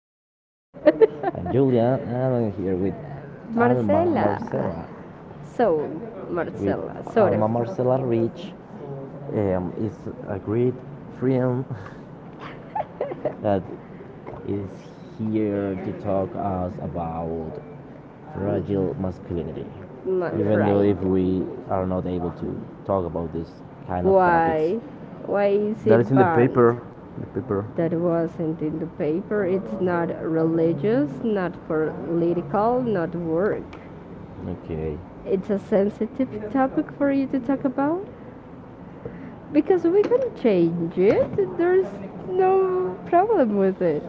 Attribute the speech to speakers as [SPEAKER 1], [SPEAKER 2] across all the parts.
[SPEAKER 1] podcast. I'm Julian, and I'm here with Alma
[SPEAKER 2] Marcela.
[SPEAKER 1] Marcela.
[SPEAKER 2] So,
[SPEAKER 1] With
[SPEAKER 2] Marcela, Sora.
[SPEAKER 1] Alma Marcela Rich, is a great friend that is here to talk us about fragile masculinity.
[SPEAKER 2] Not
[SPEAKER 1] Even though
[SPEAKER 2] right.
[SPEAKER 1] if we are not able to talk about this kind of topics, that is
[SPEAKER 2] Why? Why is it
[SPEAKER 1] in the
[SPEAKER 2] banned?
[SPEAKER 1] paper. The paper.
[SPEAKER 2] That wasn't in the paper.
[SPEAKER 1] For
[SPEAKER 2] It's
[SPEAKER 1] it's
[SPEAKER 2] not
[SPEAKER 1] not religious,
[SPEAKER 2] religious,
[SPEAKER 1] not
[SPEAKER 2] not political,
[SPEAKER 1] political.
[SPEAKER 2] not work.
[SPEAKER 1] Okay.
[SPEAKER 2] It's a sensitive topic for you to talk about because we can change it. There's no problem with it.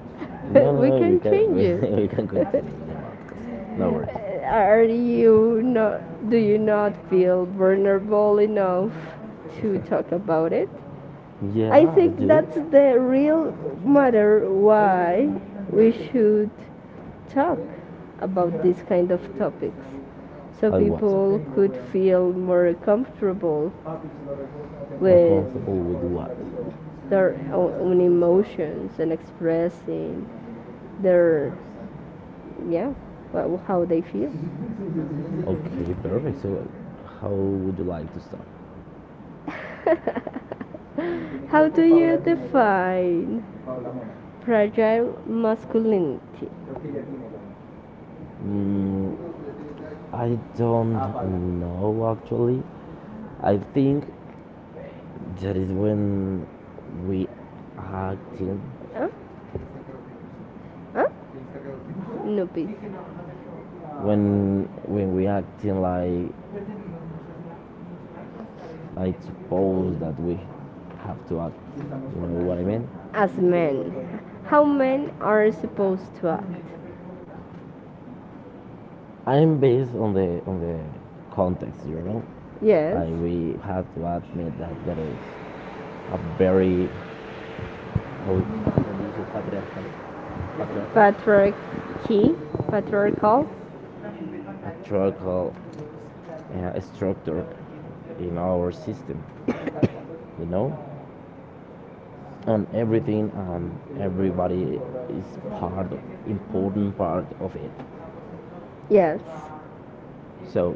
[SPEAKER 1] No, no,
[SPEAKER 2] We
[SPEAKER 1] no. We
[SPEAKER 2] can
[SPEAKER 1] can
[SPEAKER 2] change
[SPEAKER 1] we,
[SPEAKER 2] it.
[SPEAKER 1] we can continue with the podcast. No worries.
[SPEAKER 2] Are you not? Do you not feel vulnerable enough to talk about it?
[SPEAKER 1] Yeah,
[SPEAKER 2] I
[SPEAKER 1] I
[SPEAKER 2] think
[SPEAKER 1] do.
[SPEAKER 2] that's the real matter why we should talk about these kind of topics so
[SPEAKER 1] I what?
[SPEAKER 2] people could feel more comfortable
[SPEAKER 1] Or
[SPEAKER 2] with
[SPEAKER 1] comfortable with what? their
[SPEAKER 2] their own emotions and expressing
[SPEAKER 1] their
[SPEAKER 2] their yeah how they feel.
[SPEAKER 1] Okay, perfect. So, how would you like to start?
[SPEAKER 2] How do you define fragile masculinity?
[SPEAKER 1] Mm, I don't know actually. I think that is when we acting,
[SPEAKER 2] Huh? Huh? No, please.
[SPEAKER 1] when we acting like suppose that we have to act. You know what I mean?
[SPEAKER 2] As men, how men are supposed to act.
[SPEAKER 1] I'm based on the context, you know. Yeah.
[SPEAKER 2] Yes.
[SPEAKER 1] Like we have to admit that there is a very how do you say patriarchal
[SPEAKER 2] Patriarchy.
[SPEAKER 1] patriarchal.
[SPEAKER 2] Patriarchal.
[SPEAKER 1] Patriarchal structure in our system, you know. And everything and everybody is part of, important part of it.
[SPEAKER 2] Yes.
[SPEAKER 1] So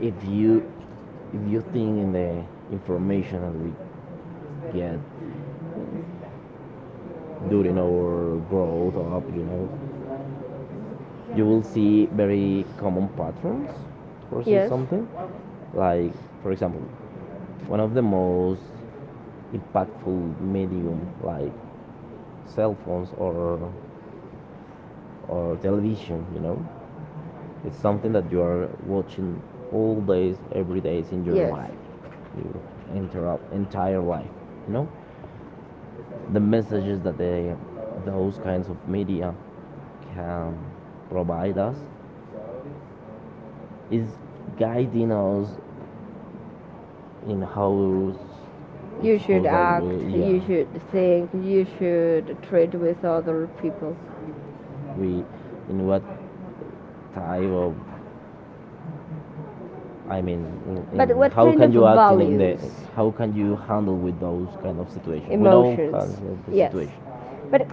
[SPEAKER 1] if you if you think in the information that we get during our growth up, you know, you will see very common patterns or see
[SPEAKER 2] Yes.
[SPEAKER 1] something like, for example, one of the most impactful medium like cell phones or television, you know. It's something that you are watching all days, every days in your
[SPEAKER 2] Yes.
[SPEAKER 1] life, your entire life. You know, the messages that they, those kinds of media, can provide us is guiding us in how it's
[SPEAKER 2] You should
[SPEAKER 1] supposed that we,
[SPEAKER 2] act,
[SPEAKER 1] yeah,
[SPEAKER 2] you should think, you should treat with other people.
[SPEAKER 1] we in what type of I mean,
[SPEAKER 2] But
[SPEAKER 1] in
[SPEAKER 2] what
[SPEAKER 1] how
[SPEAKER 2] kind
[SPEAKER 1] can
[SPEAKER 2] of
[SPEAKER 1] you act in the
[SPEAKER 2] values?
[SPEAKER 1] how can you handle with those kind of situations? With all kinds
[SPEAKER 2] Emotions.
[SPEAKER 1] of the Yes.
[SPEAKER 2] Yes.
[SPEAKER 1] situation. But
[SPEAKER 2] But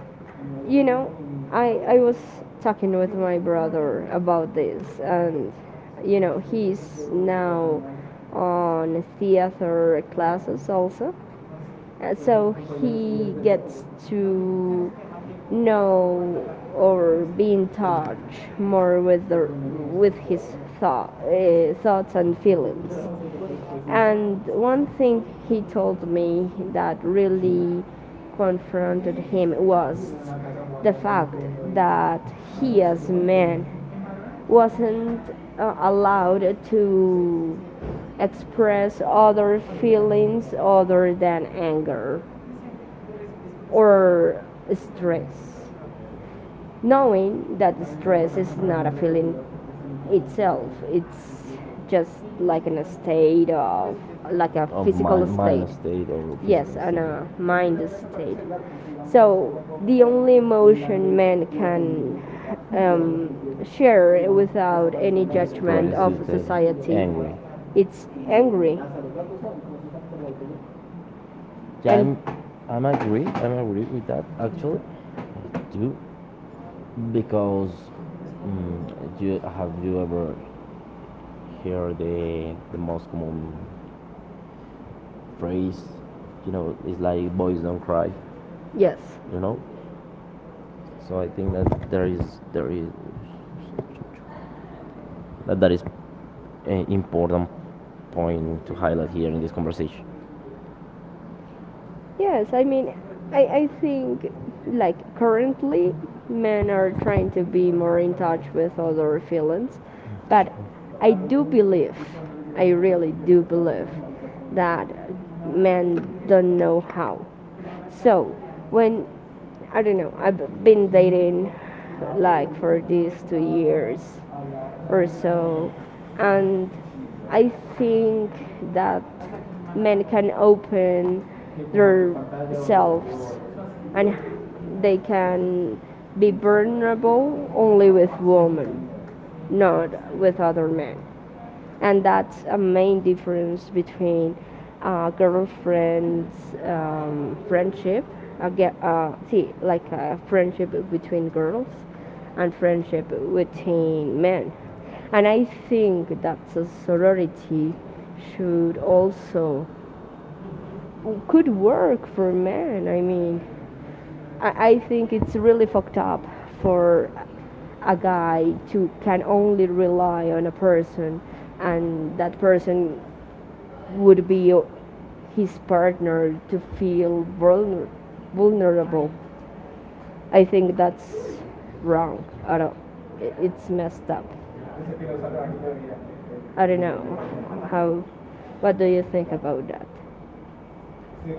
[SPEAKER 1] you
[SPEAKER 2] you
[SPEAKER 1] know,
[SPEAKER 2] know,
[SPEAKER 1] I
[SPEAKER 2] I was talking with my brother about this and he's now on theater classes also. So he gets to know or be in touch more with the with his thought, thoughts and feelings. And one thing he told me that really confronted him
[SPEAKER 1] us
[SPEAKER 2] was
[SPEAKER 1] that that heals men. Women
[SPEAKER 2] the
[SPEAKER 1] express
[SPEAKER 2] fact
[SPEAKER 1] feelings
[SPEAKER 2] that he, as a man,
[SPEAKER 1] or
[SPEAKER 2] wasn't allowed to
[SPEAKER 1] stress.
[SPEAKER 2] express other
[SPEAKER 1] But stress
[SPEAKER 2] feelings other than anger or stress, knowing
[SPEAKER 1] is
[SPEAKER 2] that
[SPEAKER 1] not
[SPEAKER 2] stress is not a
[SPEAKER 1] a
[SPEAKER 2] feeling
[SPEAKER 1] feeling
[SPEAKER 2] itself,
[SPEAKER 1] itself.
[SPEAKER 2] it's
[SPEAKER 1] It's
[SPEAKER 2] just
[SPEAKER 1] just like
[SPEAKER 2] like in a
[SPEAKER 1] a
[SPEAKER 2] state
[SPEAKER 1] state
[SPEAKER 2] of,
[SPEAKER 1] of
[SPEAKER 2] like
[SPEAKER 1] like a
[SPEAKER 2] a
[SPEAKER 1] Of
[SPEAKER 2] physical
[SPEAKER 1] mind,
[SPEAKER 2] state.
[SPEAKER 1] mind state. Or Yes, physical
[SPEAKER 2] Yes,
[SPEAKER 1] like state.
[SPEAKER 2] and a
[SPEAKER 1] A
[SPEAKER 2] mind state.
[SPEAKER 1] mind state.
[SPEAKER 2] So the
[SPEAKER 1] So
[SPEAKER 2] only
[SPEAKER 1] these
[SPEAKER 2] emotion
[SPEAKER 1] men
[SPEAKER 2] man can
[SPEAKER 1] can
[SPEAKER 2] share
[SPEAKER 1] any
[SPEAKER 2] without any
[SPEAKER 1] judgment
[SPEAKER 2] judgment of
[SPEAKER 1] is the
[SPEAKER 2] society,
[SPEAKER 1] angry. It's
[SPEAKER 2] it's
[SPEAKER 1] angry.
[SPEAKER 2] angry,
[SPEAKER 1] Yeah,
[SPEAKER 2] and
[SPEAKER 1] I'm agree. I'm agree with that. Actually, I do because you have you ever hear the most common phrase? You know, it's like boys don't cry.
[SPEAKER 2] yes,
[SPEAKER 1] You know, so I think that there is that that is an important point to highlight here in this conversation.
[SPEAKER 2] yes, I mean, I,
[SPEAKER 1] like
[SPEAKER 2] I think like currently men are trying to be more in touch with other feelings,
[SPEAKER 1] like
[SPEAKER 2] but
[SPEAKER 1] I,
[SPEAKER 2] I do believe, I really do believe that men don't know how. So
[SPEAKER 1] so
[SPEAKER 2] when I don't know, I've been
[SPEAKER 1] like
[SPEAKER 2] dating like for these 2 years or so.
[SPEAKER 1] so
[SPEAKER 2] And I think
[SPEAKER 1] things that
[SPEAKER 2] that
[SPEAKER 1] men
[SPEAKER 2] men
[SPEAKER 1] can
[SPEAKER 2] can
[SPEAKER 1] open
[SPEAKER 2] open
[SPEAKER 1] que themselves.
[SPEAKER 2] themselves, and they
[SPEAKER 1] They can
[SPEAKER 2] can be
[SPEAKER 1] be vulnerable
[SPEAKER 2] vulnerable
[SPEAKER 1] only
[SPEAKER 2] only with
[SPEAKER 1] with
[SPEAKER 2] women,
[SPEAKER 1] women, not
[SPEAKER 2] not
[SPEAKER 1] with
[SPEAKER 2] with
[SPEAKER 1] other
[SPEAKER 2] other
[SPEAKER 1] men.
[SPEAKER 2] men. And
[SPEAKER 1] And that's
[SPEAKER 2] that's a
[SPEAKER 1] a main
[SPEAKER 2] main
[SPEAKER 1] difference
[SPEAKER 2] difference
[SPEAKER 1] between
[SPEAKER 2] between girlfriends
[SPEAKER 1] girlfriends friendship
[SPEAKER 2] friendship. I
[SPEAKER 1] okay
[SPEAKER 2] get
[SPEAKER 1] see,
[SPEAKER 2] see
[SPEAKER 1] like
[SPEAKER 2] like a
[SPEAKER 1] friendship
[SPEAKER 2] friendship
[SPEAKER 1] between
[SPEAKER 2] between
[SPEAKER 1] girls
[SPEAKER 2] girls
[SPEAKER 1] and
[SPEAKER 2] and
[SPEAKER 1] friendship
[SPEAKER 2] friendship between
[SPEAKER 1] between men.
[SPEAKER 2] men. And
[SPEAKER 1] And I
[SPEAKER 2] I
[SPEAKER 1] think
[SPEAKER 2] think
[SPEAKER 1] that
[SPEAKER 2] that
[SPEAKER 1] the
[SPEAKER 2] a
[SPEAKER 1] sorority
[SPEAKER 2] sorority should
[SPEAKER 1] should also
[SPEAKER 2] also could
[SPEAKER 1] could work
[SPEAKER 2] work for
[SPEAKER 1] for
[SPEAKER 2] men. I mean, I think it's really fucked up for a guy to can only rely on a person and that person would be his partner to feel vulnerable.
[SPEAKER 1] I
[SPEAKER 2] I think that's wrong. I
[SPEAKER 1] Ahora.
[SPEAKER 2] don't. It's messed
[SPEAKER 1] That's
[SPEAKER 2] up. I don't know how. What do you think about that?
[SPEAKER 1] Sí,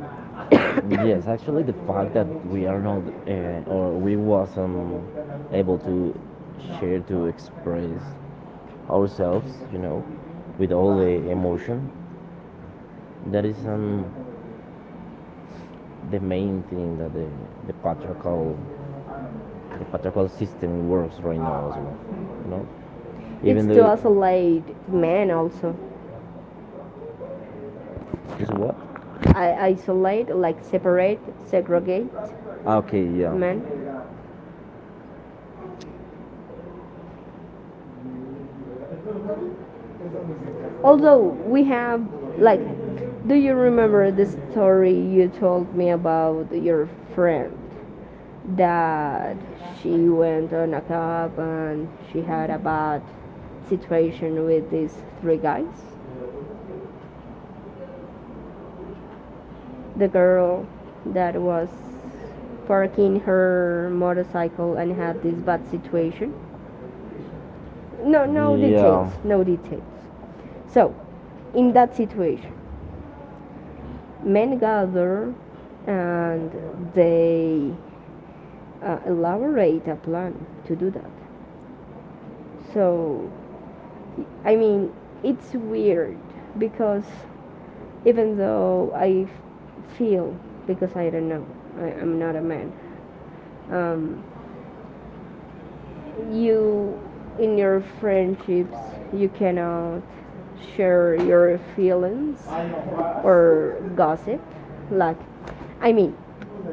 [SPEAKER 1] Nah. Yes, actually, the fact that we are not or we wasn't able to share to express ourselves, you know, with all the emotion, that is the main thing that the patriarchal the patriarchal system works right now as well, you know.
[SPEAKER 2] It's
[SPEAKER 1] Even
[SPEAKER 2] to
[SPEAKER 1] though was
[SPEAKER 2] isolate men also.
[SPEAKER 1] it's what?
[SPEAKER 2] I isolate, like separate, segregate
[SPEAKER 1] Okay, yeah.
[SPEAKER 2] men. Although
[SPEAKER 1] Although we
[SPEAKER 2] we
[SPEAKER 1] have,
[SPEAKER 2] have, like,
[SPEAKER 1] like,
[SPEAKER 2] do
[SPEAKER 1] do
[SPEAKER 2] you
[SPEAKER 1] you
[SPEAKER 2] remember
[SPEAKER 1] know
[SPEAKER 2] the
[SPEAKER 1] the
[SPEAKER 2] story
[SPEAKER 1] story
[SPEAKER 2] you
[SPEAKER 1] told
[SPEAKER 2] told me about
[SPEAKER 1] to your
[SPEAKER 2] your
[SPEAKER 1] friend?
[SPEAKER 2] friend? That
[SPEAKER 1] That she
[SPEAKER 2] she went
[SPEAKER 1] went
[SPEAKER 2] on
[SPEAKER 1] on
[SPEAKER 2] a
[SPEAKER 1] a tub
[SPEAKER 2] club
[SPEAKER 1] and
[SPEAKER 2] and
[SPEAKER 1] she
[SPEAKER 2] she had
[SPEAKER 1] had
[SPEAKER 2] a
[SPEAKER 1] a bad
[SPEAKER 2] bad
[SPEAKER 1] situation
[SPEAKER 2] situation with
[SPEAKER 1] with
[SPEAKER 2] these three
[SPEAKER 1] this.
[SPEAKER 2] guys. The
[SPEAKER 1] The girl
[SPEAKER 2] girl that
[SPEAKER 1] was
[SPEAKER 2] was parking
[SPEAKER 1] working
[SPEAKER 2] her motorcycle and
[SPEAKER 1] and had
[SPEAKER 2] had this bad
[SPEAKER 1] this situation.
[SPEAKER 2] situation. No,
[SPEAKER 1] No, no
[SPEAKER 2] no
[SPEAKER 1] Yeah.
[SPEAKER 2] details,
[SPEAKER 1] details. No
[SPEAKER 2] no details.
[SPEAKER 1] details.
[SPEAKER 2] So,
[SPEAKER 1] So,
[SPEAKER 2] in that situation, men
[SPEAKER 1] in gather
[SPEAKER 2] gather
[SPEAKER 1] and
[SPEAKER 2] and
[SPEAKER 1] they
[SPEAKER 2] they elaborate a
[SPEAKER 1] attack.
[SPEAKER 2] plan to do that.
[SPEAKER 1] So
[SPEAKER 2] So, I mean, it's weird
[SPEAKER 1] it's
[SPEAKER 2] because
[SPEAKER 1] because if
[SPEAKER 2] even though
[SPEAKER 1] you
[SPEAKER 2] feel because
[SPEAKER 1] feel
[SPEAKER 2] I don't know,
[SPEAKER 1] become
[SPEAKER 2] I'm
[SPEAKER 1] become
[SPEAKER 2] not a man. Um,
[SPEAKER 1] um
[SPEAKER 2] you in
[SPEAKER 1] you
[SPEAKER 2] your friendships, you cannot share
[SPEAKER 1] share your
[SPEAKER 2] your feelings
[SPEAKER 1] I
[SPEAKER 2] or
[SPEAKER 1] or gossip
[SPEAKER 2] gossip.
[SPEAKER 1] like
[SPEAKER 2] Like, I mean,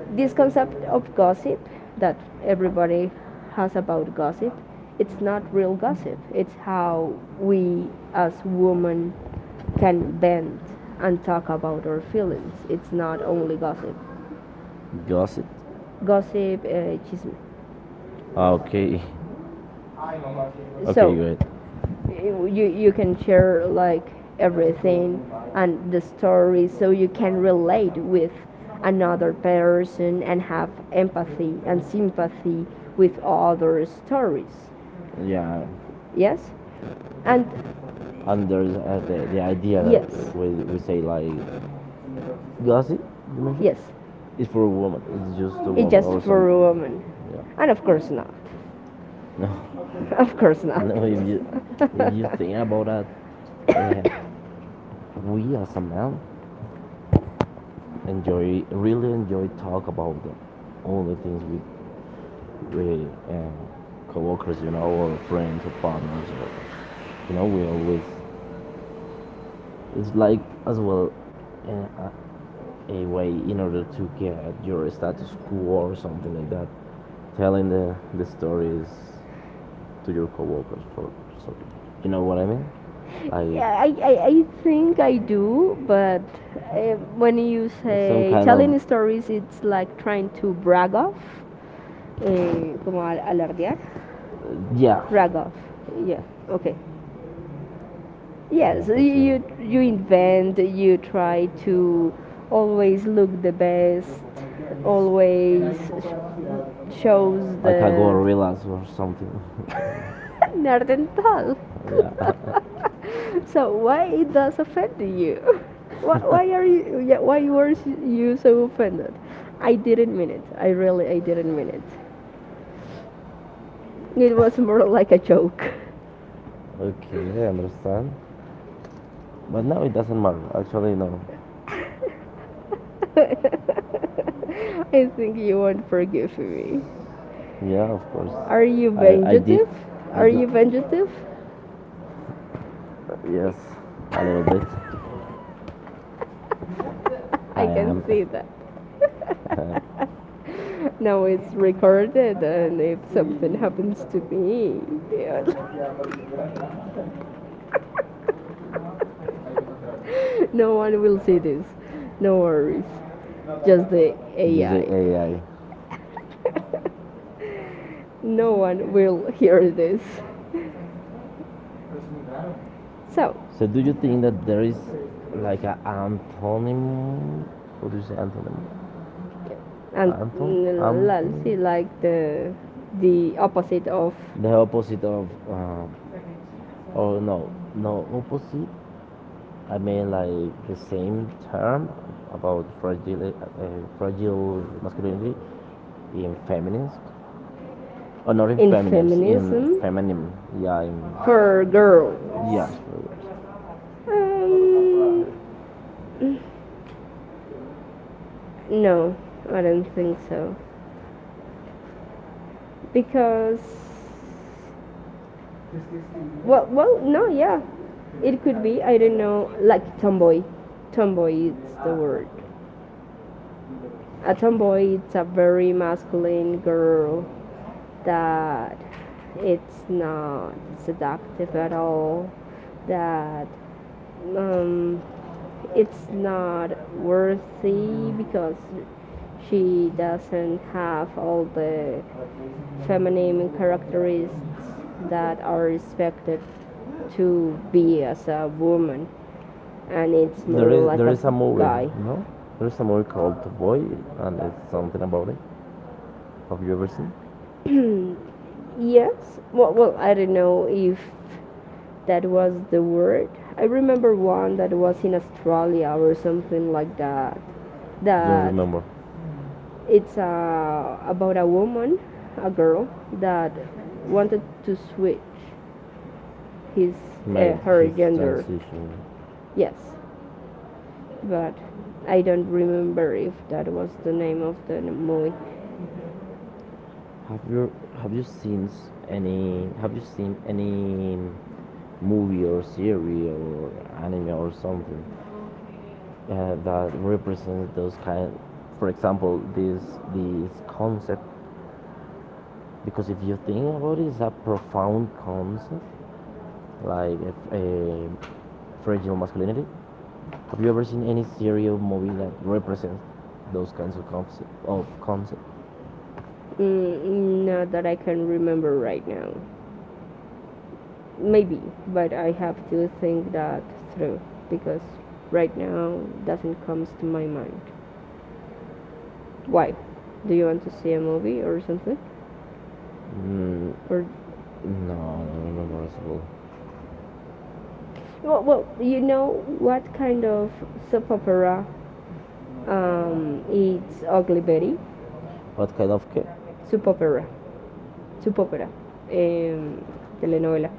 [SPEAKER 2] this
[SPEAKER 1] this concept
[SPEAKER 2] concept
[SPEAKER 1] of
[SPEAKER 2] of gossip that everybody has about gossip, it's not real
[SPEAKER 1] gossip. It's we are
[SPEAKER 2] gossip. It's how we as women
[SPEAKER 1] supposed to
[SPEAKER 2] can
[SPEAKER 1] help them
[SPEAKER 2] bend
[SPEAKER 1] understand
[SPEAKER 2] and talk about our feelings. It's
[SPEAKER 1] it's not
[SPEAKER 2] not only
[SPEAKER 1] only
[SPEAKER 2] gossip.
[SPEAKER 1] gossip. Got
[SPEAKER 2] Gossip,
[SPEAKER 1] it?
[SPEAKER 2] chisme.
[SPEAKER 1] Okay. Okay,
[SPEAKER 2] So
[SPEAKER 1] go ahead. You
[SPEAKER 2] you can
[SPEAKER 1] can share and
[SPEAKER 2] share like everything and the story, so you can
[SPEAKER 1] stay
[SPEAKER 2] relate with
[SPEAKER 1] with another
[SPEAKER 2] another person and
[SPEAKER 1] have
[SPEAKER 2] have
[SPEAKER 1] empathy
[SPEAKER 2] empathy
[SPEAKER 1] and
[SPEAKER 2] and
[SPEAKER 1] sympathy
[SPEAKER 2] sympathy
[SPEAKER 1] with
[SPEAKER 2] with
[SPEAKER 1] all
[SPEAKER 2] other
[SPEAKER 1] the stories.
[SPEAKER 2] stories.
[SPEAKER 1] Yeah. Yes?
[SPEAKER 2] Yes,
[SPEAKER 1] And
[SPEAKER 2] and
[SPEAKER 1] And there's the idea that
[SPEAKER 2] yes,
[SPEAKER 1] Yes. We say like Gossip, you mentioned? Yes.
[SPEAKER 2] yes.
[SPEAKER 1] It's for a woman. It's just a
[SPEAKER 2] It's
[SPEAKER 1] woman Just
[SPEAKER 2] just
[SPEAKER 1] or
[SPEAKER 2] for a
[SPEAKER 1] something.
[SPEAKER 2] woman,
[SPEAKER 1] Women. Yeah.
[SPEAKER 2] and
[SPEAKER 1] And of
[SPEAKER 2] of
[SPEAKER 1] course,
[SPEAKER 2] course not.
[SPEAKER 1] No,
[SPEAKER 2] Of course not.
[SPEAKER 1] no. If you think about that, uh, we as a man enjoy really enjoy talk about the, all the things with coworkers, you know, or friends or partners. Or, you know, we always it's like as well. Uh, uh, a way in order to get your status quo or something like that. Telling the stories to your coworkers for so you know what I mean?
[SPEAKER 2] Yeah,
[SPEAKER 1] Like
[SPEAKER 2] I think I do,
[SPEAKER 1] Uh,
[SPEAKER 2] but
[SPEAKER 1] when
[SPEAKER 2] when you
[SPEAKER 1] It's some
[SPEAKER 2] say
[SPEAKER 1] kind of-
[SPEAKER 2] telling stories, it's
[SPEAKER 1] it's like
[SPEAKER 2] like
[SPEAKER 1] trying
[SPEAKER 2] trying to
[SPEAKER 1] to
[SPEAKER 2] brag off. Eh, como
[SPEAKER 1] tell, eh,
[SPEAKER 2] alardear.
[SPEAKER 1] yeah, Yeah,
[SPEAKER 2] Brag off. Yeah,
[SPEAKER 1] okay.
[SPEAKER 2] okay.
[SPEAKER 1] Yeah, yeah,
[SPEAKER 2] Yes,
[SPEAKER 1] but really
[SPEAKER 2] you
[SPEAKER 1] you
[SPEAKER 2] invent, you try to always look the best, always shows
[SPEAKER 1] know, like a
[SPEAKER 2] the
[SPEAKER 1] gorillas or something. fun.
[SPEAKER 2] Nerdental.
[SPEAKER 1] Yeah.
[SPEAKER 2] So why it does offend you? Why are you? Yeah, why were you so offended? I didn't mean it. I really, I didn't mean it. It was more like a joke.
[SPEAKER 1] Okay, I understand. But now it doesn't matter. Actually, no.
[SPEAKER 2] I think you won't forgive me.
[SPEAKER 1] Yeah, of course.
[SPEAKER 2] Are you
[SPEAKER 1] I did.
[SPEAKER 2] vengative?
[SPEAKER 1] I
[SPEAKER 2] Are you
[SPEAKER 1] did.
[SPEAKER 2] vengative?
[SPEAKER 1] Yes, a little bit.
[SPEAKER 2] I
[SPEAKER 1] I
[SPEAKER 2] can
[SPEAKER 1] am.
[SPEAKER 2] see that.
[SPEAKER 1] Um,
[SPEAKER 2] Now it's recorded, and if something
[SPEAKER 1] just
[SPEAKER 2] happens to me, no one will see this. No worries. Just the
[SPEAKER 1] you say AI.
[SPEAKER 2] AI.
[SPEAKER 1] No
[SPEAKER 2] No
[SPEAKER 1] one
[SPEAKER 2] one
[SPEAKER 1] will
[SPEAKER 2] will
[SPEAKER 1] hear
[SPEAKER 2] hear
[SPEAKER 1] this?
[SPEAKER 2] this.
[SPEAKER 1] So,
[SPEAKER 2] So,
[SPEAKER 1] so do you think that there is like an antonym? What do you say antonym?
[SPEAKER 2] and
[SPEAKER 1] Anton?
[SPEAKER 2] Lal,
[SPEAKER 1] Anton?
[SPEAKER 2] she like the opposite of
[SPEAKER 1] The opposite of oh no no opposite. I mean like the same term about fragile fragile masculinity in feminines or oh, not in
[SPEAKER 2] in
[SPEAKER 1] feminines in
[SPEAKER 2] feminism
[SPEAKER 1] feminine yeah in,
[SPEAKER 2] for girls.
[SPEAKER 1] yes.
[SPEAKER 2] Um, no, I don't think so. Because well
[SPEAKER 1] Well,
[SPEAKER 2] well no
[SPEAKER 1] yeah.
[SPEAKER 2] yeah it could be, I don't know, like
[SPEAKER 1] Tomboy.
[SPEAKER 2] tomboy. Tomboy is the word. A
[SPEAKER 1] A
[SPEAKER 2] tomboy,
[SPEAKER 1] tomboy
[SPEAKER 2] it's
[SPEAKER 1] is
[SPEAKER 2] a
[SPEAKER 1] a very
[SPEAKER 2] very masculine
[SPEAKER 1] masculine girl
[SPEAKER 2] girl
[SPEAKER 1] that
[SPEAKER 2] that
[SPEAKER 1] is
[SPEAKER 2] it's not seductive at
[SPEAKER 1] seductive,
[SPEAKER 2] all,
[SPEAKER 1] that
[SPEAKER 2] that um,
[SPEAKER 1] is
[SPEAKER 2] it's not
[SPEAKER 1] not
[SPEAKER 2] worthy
[SPEAKER 1] seen
[SPEAKER 2] because
[SPEAKER 1] because she
[SPEAKER 2] she
[SPEAKER 1] has
[SPEAKER 2] doesn't have all the
[SPEAKER 1] characteristics
[SPEAKER 2] feminine characteristics
[SPEAKER 1] that
[SPEAKER 2] that are
[SPEAKER 1] are
[SPEAKER 2] expected
[SPEAKER 1] expected
[SPEAKER 2] to
[SPEAKER 1] to be
[SPEAKER 2] be
[SPEAKER 1] a
[SPEAKER 2] as a woman,
[SPEAKER 1] and
[SPEAKER 2] and
[SPEAKER 1] it's
[SPEAKER 2] it's more like
[SPEAKER 1] There
[SPEAKER 2] a
[SPEAKER 1] is more like a movie,
[SPEAKER 2] guy.
[SPEAKER 1] no? There is a movie called The Boy, and it's something about it. Have you ever seen?
[SPEAKER 2] Yes, well I don't know if that was the word. I remember one that was in Australia or something like that
[SPEAKER 1] I don't the
[SPEAKER 2] that
[SPEAKER 1] remember.
[SPEAKER 2] it's about a woman, a girl that wanted to switch his
[SPEAKER 1] Made
[SPEAKER 2] her
[SPEAKER 1] his
[SPEAKER 2] gender.
[SPEAKER 1] transition.
[SPEAKER 2] Yes, but I don't remember if that was the name of the movie.
[SPEAKER 1] Have you seen any have you seen any movie or series or anime or something that represents those kind for example this concept because if you think about it it's a profound concept like if a fragile masculinity have you ever seen any series or movie that represents those kinds of concept
[SPEAKER 2] Mm, not that I can remember right now. Maybe, but I have to think
[SPEAKER 1] that,
[SPEAKER 2] that through because
[SPEAKER 1] because
[SPEAKER 2] right now doesn't
[SPEAKER 1] Want
[SPEAKER 2] comes to my mind. Why? Do you want to
[SPEAKER 1] to
[SPEAKER 2] see
[SPEAKER 1] see
[SPEAKER 2] a
[SPEAKER 1] a movie
[SPEAKER 2] movie
[SPEAKER 1] or
[SPEAKER 2] or something?
[SPEAKER 1] something? Mm,
[SPEAKER 2] Or
[SPEAKER 1] no, I don't remember as well. Well, well,
[SPEAKER 2] well you
[SPEAKER 1] you know,
[SPEAKER 2] know what kind of soap opera?
[SPEAKER 1] um,
[SPEAKER 2] It's
[SPEAKER 1] it's
[SPEAKER 2] Ugly
[SPEAKER 1] August,
[SPEAKER 2] Betty,
[SPEAKER 1] What kind of cake?
[SPEAKER 2] soap opera, soap opera, um, telenovela.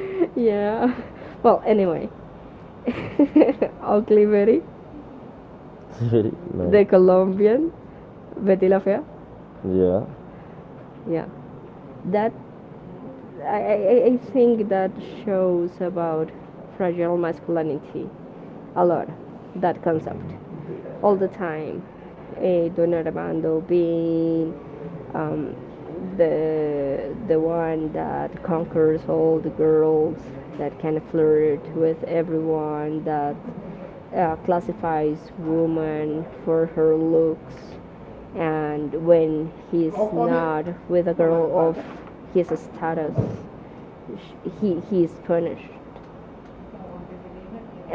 [SPEAKER 2] Yeah. Well, anyway, Ugly Berry,
[SPEAKER 1] No. The
[SPEAKER 2] the Colombian
[SPEAKER 1] Colombian,
[SPEAKER 2] Betty La
[SPEAKER 1] Vanilla
[SPEAKER 2] Fea.
[SPEAKER 1] Fair. Yeah.
[SPEAKER 2] Yeah.
[SPEAKER 1] Yeah,
[SPEAKER 2] That
[SPEAKER 1] that I, I, I-
[SPEAKER 2] think
[SPEAKER 1] think that
[SPEAKER 2] that
[SPEAKER 1] shows
[SPEAKER 2] shows about fragile masculinity
[SPEAKER 1] a
[SPEAKER 2] a
[SPEAKER 1] lot.
[SPEAKER 2] lot,
[SPEAKER 1] That
[SPEAKER 2] that
[SPEAKER 1] concept
[SPEAKER 2] concept.
[SPEAKER 1] all
[SPEAKER 2] All
[SPEAKER 1] the
[SPEAKER 2] the
[SPEAKER 1] time.
[SPEAKER 2] time. Eh, Don Armando being
[SPEAKER 1] Um,
[SPEAKER 2] um, the one that
[SPEAKER 1] that
[SPEAKER 2] conquers
[SPEAKER 1] confidence,
[SPEAKER 2] all the girls, that can
[SPEAKER 1] that
[SPEAKER 2] flirt with everyone, that classifies woman for her looks and when he's
[SPEAKER 1] Oh, come in.
[SPEAKER 2] not with a girl of his status he is punished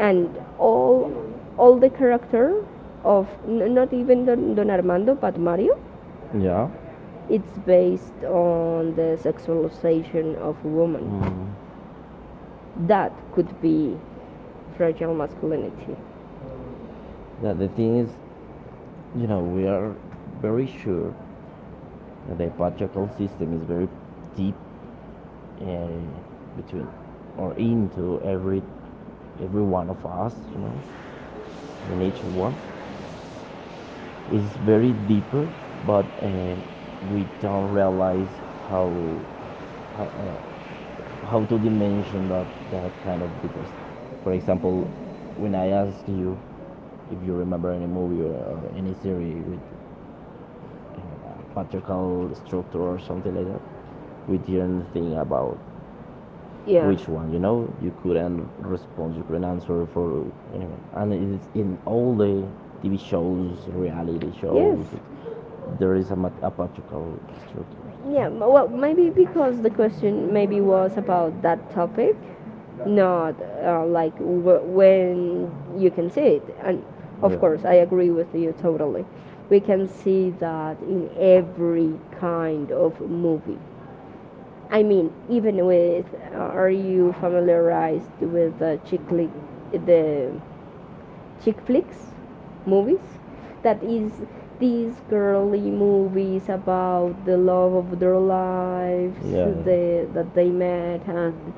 [SPEAKER 1] And
[SPEAKER 2] all
[SPEAKER 1] all
[SPEAKER 2] the character
[SPEAKER 1] of,
[SPEAKER 2] of
[SPEAKER 1] not
[SPEAKER 2] not even don Armando but Mario,
[SPEAKER 1] Yeah.
[SPEAKER 2] it's
[SPEAKER 1] It's
[SPEAKER 2] based on the sexualization of woman
[SPEAKER 1] Mm.
[SPEAKER 2] that could be fragile masculinity.
[SPEAKER 1] Yeah, the thing is, you know, we are very sure that the patriarchal system is very deep uh, between or into every one of us, you know, in each one. Is very deeper, but we don't realize how how, uh, how to dimension that that kind of deepness. For example, when I asked you if you remember any movie or any series with a patriarchal structure or something like that, we didn't think about
[SPEAKER 2] Yeah.
[SPEAKER 1] which one, you know. You couldn't respond, you couldn't answer for anyway, and it's in all the tv shows, reality
[SPEAKER 2] Yes.
[SPEAKER 1] shows that there is a, a particular structure.
[SPEAKER 2] Yeah. Well, maybe because the question maybe
[SPEAKER 1] Maybe was
[SPEAKER 2] was about
[SPEAKER 1] about
[SPEAKER 2] that topic, not like when you can see it. And
[SPEAKER 1] no.
[SPEAKER 2] of
[SPEAKER 1] Of
[SPEAKER 2] course,
[SPEAKER 1] Yeah.
[SPEAKER 2] I agree with you totally. We can see that in every kind of movie. I mean, even with uh, are you familiarized
[SPEAKER 1] authorized
[SPEAKER 2] with the chick flick,
[SPEAKER 1] charity.
[SPEAKER 2] the chick flicks movies that is these
[SPEAKER 1] It's
[SPEAKER 2] girly movies about
[SPEAKER 1] about
[SPEAKER 2] the love of their
[SPEAKER 1] Yeah. They he's obsessed with lyrics.
[SPEAKER 2] lives, the, that they met and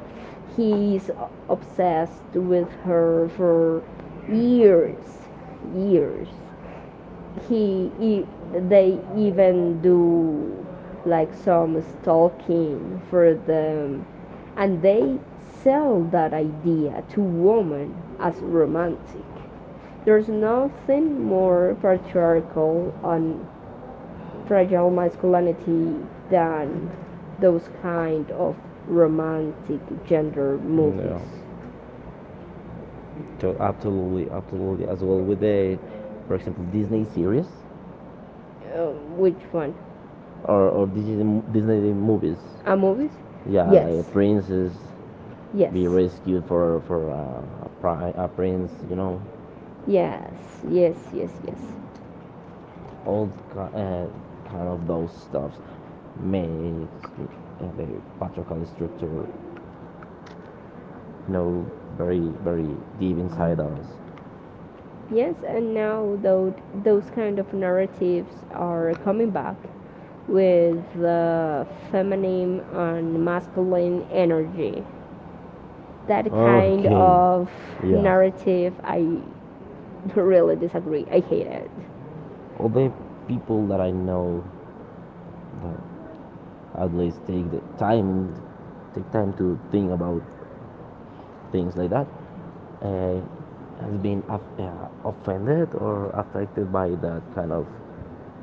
[SPEAKER 2] he's obsessed with her for years years he they
[SPEAKER 1] He will
[SPEAKER 2] even
[SPEAKER 1] do
[SPEAKER 2] do like some
[SPEAKER 1] lectures talking
[SPEAKER 2] stalking for them, and they sell that idea to women
[SPEAKER 1] as
[SPEAKER 2] as
[SPEAKER 1] wrote.
[SPEAKER 2] romantic. There's nothing more
[SPEAKER 1] So
[SPEAKER 2] patriarchal
[SPEAKER 1] on
[SPEAKER 2] and fragile masculinity than
[SPEAKER 1] um, those
[SPEAKER 2] those
[SPEAKER 1] kind
[SPEAKER 2] kind
[SPEAKER 1] of
[SPEAKER 2] of
[SPEAKER 1] romantic
[SPEAKER 2] romantic
[SPEAKER 1] gender
[SPEAKER 2] gender
[SPEAKER 1] movies. Yeah.
[SPEAKER 2] movies.
[SPEAKER 1] So absolutely, absolutely. As well with the, for example, Disney series
[SPEAKER 2] Uh, which one?
[SPEAKER 1] One. Or Disney, Disney movies. A
[SPEAKER 2] A
[SPEAKER 1] movie.
[SPEAKER 2] movies? Yeah.
[SPEAKER 1] Yeah, Yes. like a Yes.
[SPEAKER 2] Yes.
[SPEAKER 1] princess Yes. be
[SPEAKER 2] Yes.
[SPEAKER 1] rescued for a, a prince, you know, Yes.
[SPEAKER 2] Yes,
[SPEAKER 1] Yes,
[SPEAKER 2] yes,
[SPEAKER 1] yes,
[SPEAKER 2] yes, yes.
[SPEAKER 1] yes. All kind of those stuffs makes the patriarchal structure, you know, very deep inside us.
[SPEAKER 2] Yes, and now though those kind of narratives
[SPEAKER 1] Yes.
[SPEAKER 2] are coming back with feminine and masculine energy. That kind
[SPEAKER 1] Okay. Well,
[SPEAKER 2] of
[SPEAKER 1] Yeah.
[SPEAKER 2] narrative, I really disagree. I hate it.
[SPEAKER 1] All the people that I know that at least take the time take time to think about things like that uh, has been offended or affected by that kind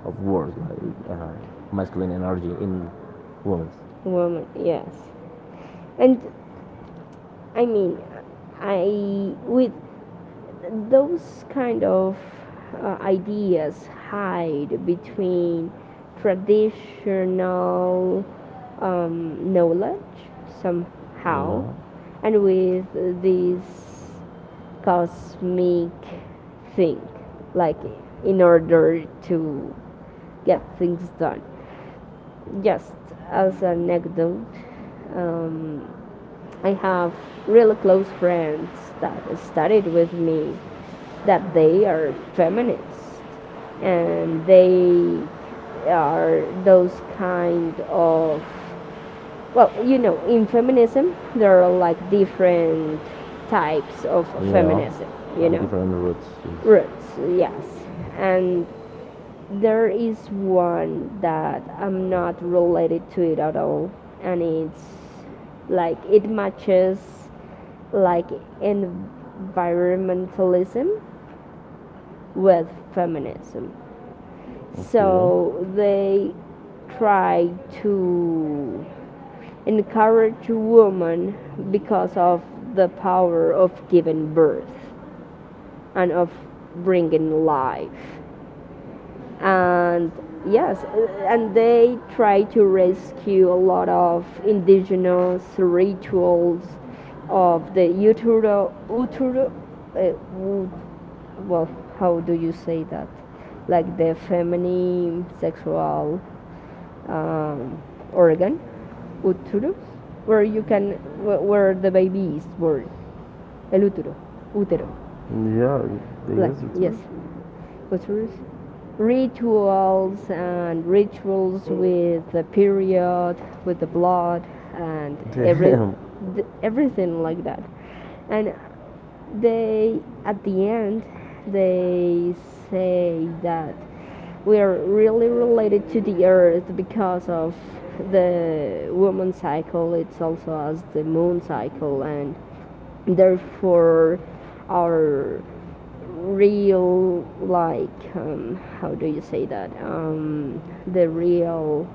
[SPEAKER 1] of words like masculine energy in women.
[SPEAKER 2] Woman, yes.
[SPEAKER 1] And
[SPEAKER 2] And
[SPEAKER 1] I
[SPEAKER 2] I
[SPEAKER 1] mean,
[SPEAKER 2] mean,
[SPEAKER 1] this
[SPEAKER 2] I with those kind
[SPEAKER 1] kind of
[SPEAKER 2] of
[SPEAKER 1] how to
[SPEAKER 2] ideas hide between traditional
[SPEAKER 1] um,
[SPEAKER 2] knowledge
[SPEAKER 1] somehow
[SPEAKER 2] somehow
[SPEAKER 1] No. And
[SPEAKER 2] and
[SPEAKER 1] it's
[SPEAKER 2] with this
[SPEAKER 1] cosmic thing,
[SPEAKER 2] cosmic thing
[SPEAKER 1] like
[SPEAKER 2] like
[SPEAKER 1] in
[SPEAKER 2] in
[SPEAKER 1] order
[SPEAKER 2] order
[SPEAKER 1] to
[SPEAKER 2] to get
[SPEAKER 1] get
[SPEAKER 2] things
[SPEAKER 1] things
[SPEAKER 2] done.
[SPEAKER 1] done.
[SPEAKER 2] Just
[SPEAKER 1] um,
[SPEAKER 2] as
[SPEAKER 1] um,
[SPEAKER 2] an anecdote, um,
[SPEAKER 1] I
[SPEAKER 2] I
[SPEAKER 1] have
[SPEAKER 2] have
[SPEAKER 1] really
[SPEAKER 2] really close
[SPEAKER 1] friends
[SPEAKER 2] friends that
[SPEAKER 1] that studies
[SPEAKER 2] studied with me
[SPEAKER 1] that
[SPEAKER 2] that they
[SPEAKER 1] are
[SPEAKER 2] are
[SPEAKER 1] feminists,
[SPEAKER 2] feminists, and
[SPEAKER 1] and they
[SPEAKER 2] they
[SPEAKER 1] are
[SPEAKER 2] are
[SPEAKER 1] those
[SPEAKER 2] those kind
[SPEAKER 1] kind
[SPEAKER 2] of well
[SPEAKER 1] of, well,
[SPEAKER 2] you know in feminism
[SPEAKER 1] there
[SPEAKER 2] there are
[SPEAKER 1] are
[SPEAKER 2] like different
[SPEAKER 1] sides
[SPEAKER 2] types of
[SPEAKER 1] of Yeah. feminism.
[SPEAKER 2] feminism you
[SPEAKER 1] Like
[SPEAKER 2] know
[SPEAKER 1] different roots. Yes. Roots,
[SPEAKER 2] roots
[SPEAKER 1] yes.
[SPEAKER 2] yes, and
[SPEAKER 1] And
[SPEAKER 2] there is one that
[SPEAKER 1] I'm
[SPEAKER 2] I'm not related to it at all, and it's like it matches
[SPEAKER 1] into.
[SPEAKER 2] like
[SPEAKER 1] It's in
[SPEAKER 2] environmentalism
[SPEAKER 1] with
[SPEAKER 2] with feminism.
[SPEAKER 1] feminism. Okay. So
[SPEAKER 2] So they
[SPEAKER 1] Okay.
[SPEAKER 2] try to
[SPEAKER 1] try
[SPEAKER 2] encourage women
[SPEAKER 1] to the
[SPEAKER 2] because of the
[SPEAKER 1] birds.
[SPEAKER 2] power of giving birth and of bringing life
[SPEAKER 1] And
[SPEAKER 2] and
[SPEAKER 1] yes,
[SPEAKER 2] yes, and
[SPEAKER 1] and then trees
[SPEAKER 2] they try to rescue a lot
[SPEAKER 1] in trees or wood what
[SPEAKER 2] of
[SPEAKER 1] how to say
[SPEAKER 2] indigenous
[SPEAKER 1] that
[SPEAKER 2] rituals
[SPEAKER 1] like um,
[SPEAKER 2] of the utero uh, wo- well, how do you say that, like the feminine sexual um,
[SPEAKER 1] wood
[SPEAKER 2] organ, uterus, where you can where the baby is born, el utero,
[SPEAKER 1] Yeah, I
[SPEAKER 2] like
[SPEAKER 1] guess it's
[SPEAKER 2] yes,
[SPEAKER 1] yours.
[SPEAKER 2] uterus, rituals and rituals with the period, with the blood, and every
[SPEAKER 1] Damn.
[SPEAKER 2] everything like that.
[SPEAKER 1] And
[SPEAKER 2] And they,
[SPEAKER 1] at
[SPEAKER 2] at
[SPEAKER 1] the
[SPEAKER 2] the
[SPEAKER 1] end,
[SPEAKER 2] end,
[SPEAKER 1] they
[SPEAKER 2] they say that we
[SPEAKER 1] we are
[SPEAKER 2] are really related to the earth because of the woman cycle. It's also as the moon cycle, and therefore our real like how do you say that the real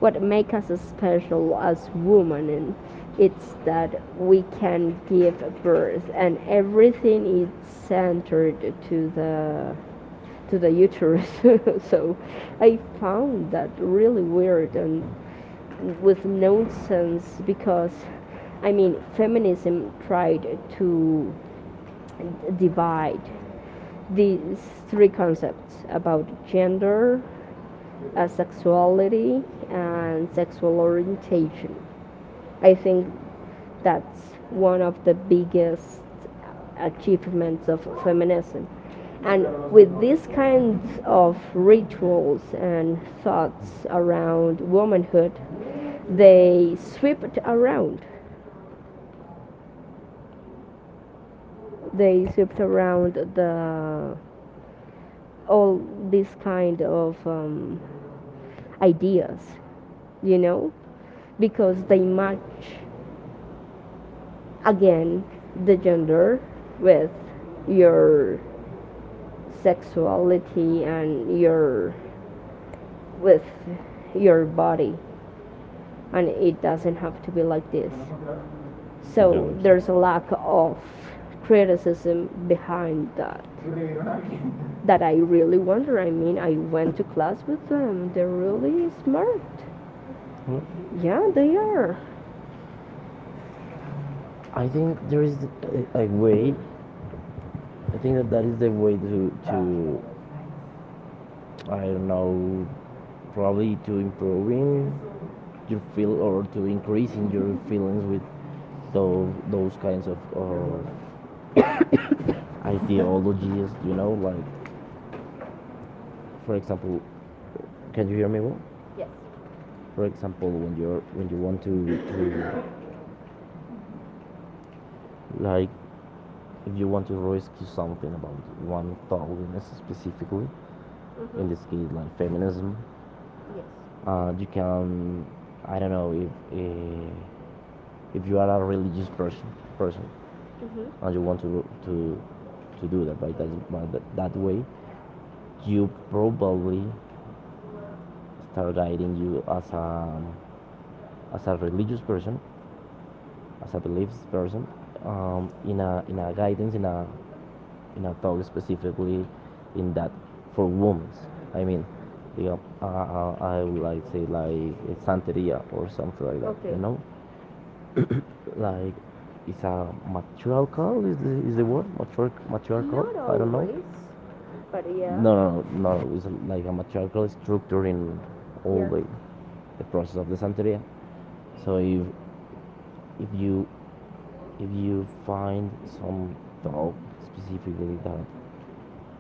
[SPEAKER 1] what
[SPEAKER 2] what
[SPEAKER 1] is
[SPEAKER 2] make us special as
[SPEAKER 1] possible.
[SPEAKER 2] women and
[SPEAKER 1] It's
[SPEAKER 2] it's
[SPEAKER 1] that
[SPEAKER 2] that we can give birth and
[SPEAKER 1] every
[SPEAKER 2] everything is centered to the uterus. So
[SPEAKER 1] I
[SPEAKER 2] I found that really weird and with
[SPEAKER 1] so I mean, to as of feminism. And with these kinds of rituals
[SPEAKER 2] nonsense because I mean feminism tried to divide these three concepts about gender, sexuality, and sexual orientation. I think that's one of the biggest achievements of feminism. And with these kinds of rituals
[SPEAKER 1] and
[SPEAKER 2] and
[SPEAKER 1] thoughts,
[SPEAKER 2] thoughts around
[SPEAKER 1] they sort
[SPEAKER 2] womanhood,
[SPEAKER 1] much agree with,
[SPEAKER 2] they swept around. They swept around the all these kind of ideas, you know, because they match again the gender with your
[SPEAKER 1] sex
[SPEAKER 2] sexuality and your
[SPEAKER 1] with
[SPEAKER 2] with your body, and
[SPEAKER 1] money. I
[SPEAKER 2] it
[SPEAKER 1] have
[SPEAKER 2] doesn't have to be like this.
[SPEAKER 1] this. So
[SPEAKER 2] So
[SPEAKER 1] do there's
[SPEAKER 2] there's a
[SPEAKER 1] a lot
[SPEAKER 2] lack
[SPEAKER 1] of
[SPEAKER 2] of
[SPEAKER 1] criticism
[SPEAKER 2] criticism
[SPEAKER 1] behind
[SPEAKER 2] behind that
[SPEAKER 1] that.
[SPEAKER 2] that
[SPEAKER 1] That
[SPEAKER 2] I
[SPEAKER 1] I
[SPEAKER 2] really
[SPEAKER 1] really
[SPEAKER 2] wonder.
[SPEAKER 1] wonder.
[SPEAKER 2] I mean,
[SPEAKER 1] I
[SPEAKER 2] I went to
[SPEAKER 1] mess
[SPEAKER 2] class with
[SPEAKER 1] with them.
[SPEAKER 2] them,
[SPEAKER 1] They're
[SPEAKER 2] they're really
[SPEAKER 1] really smart.
[SPEAKER 2] smart.
[SPEAKER 1] Well- Yeah,
[SPEAKER 2] Yeah,
[SPEAKER 1] they
[SPEAKER 2] they
[SPEAKER 1] are.
[SPEAKER 2] are.
[SPEAKER 1] I think there is a way. I think that that is the way to I don't know, probably to improving you feel or to increase in your feelings with those kinds of ideologies you know like for example can you hear me well Yes. for example when you're when you want to like if you want to rescue something about one thousand specifically mm-hmm. In this case, like feminism, you can. I don't know if uh, if you are a religious person and you want to do that by way, you probably start guiding you as a religious person, as a beliefs person, in a guidance in a talk specifically in that for women. I mean, yeah, I would like say like santeria or something like that. Okay. You know, like it's a matriarchal is the word Matriarch, matriarchal. Not I don't know always, but yeah. No, it's like a matriarchal structure in all. Yeah, the process of the Santeria. So if you if you find some thought specifically that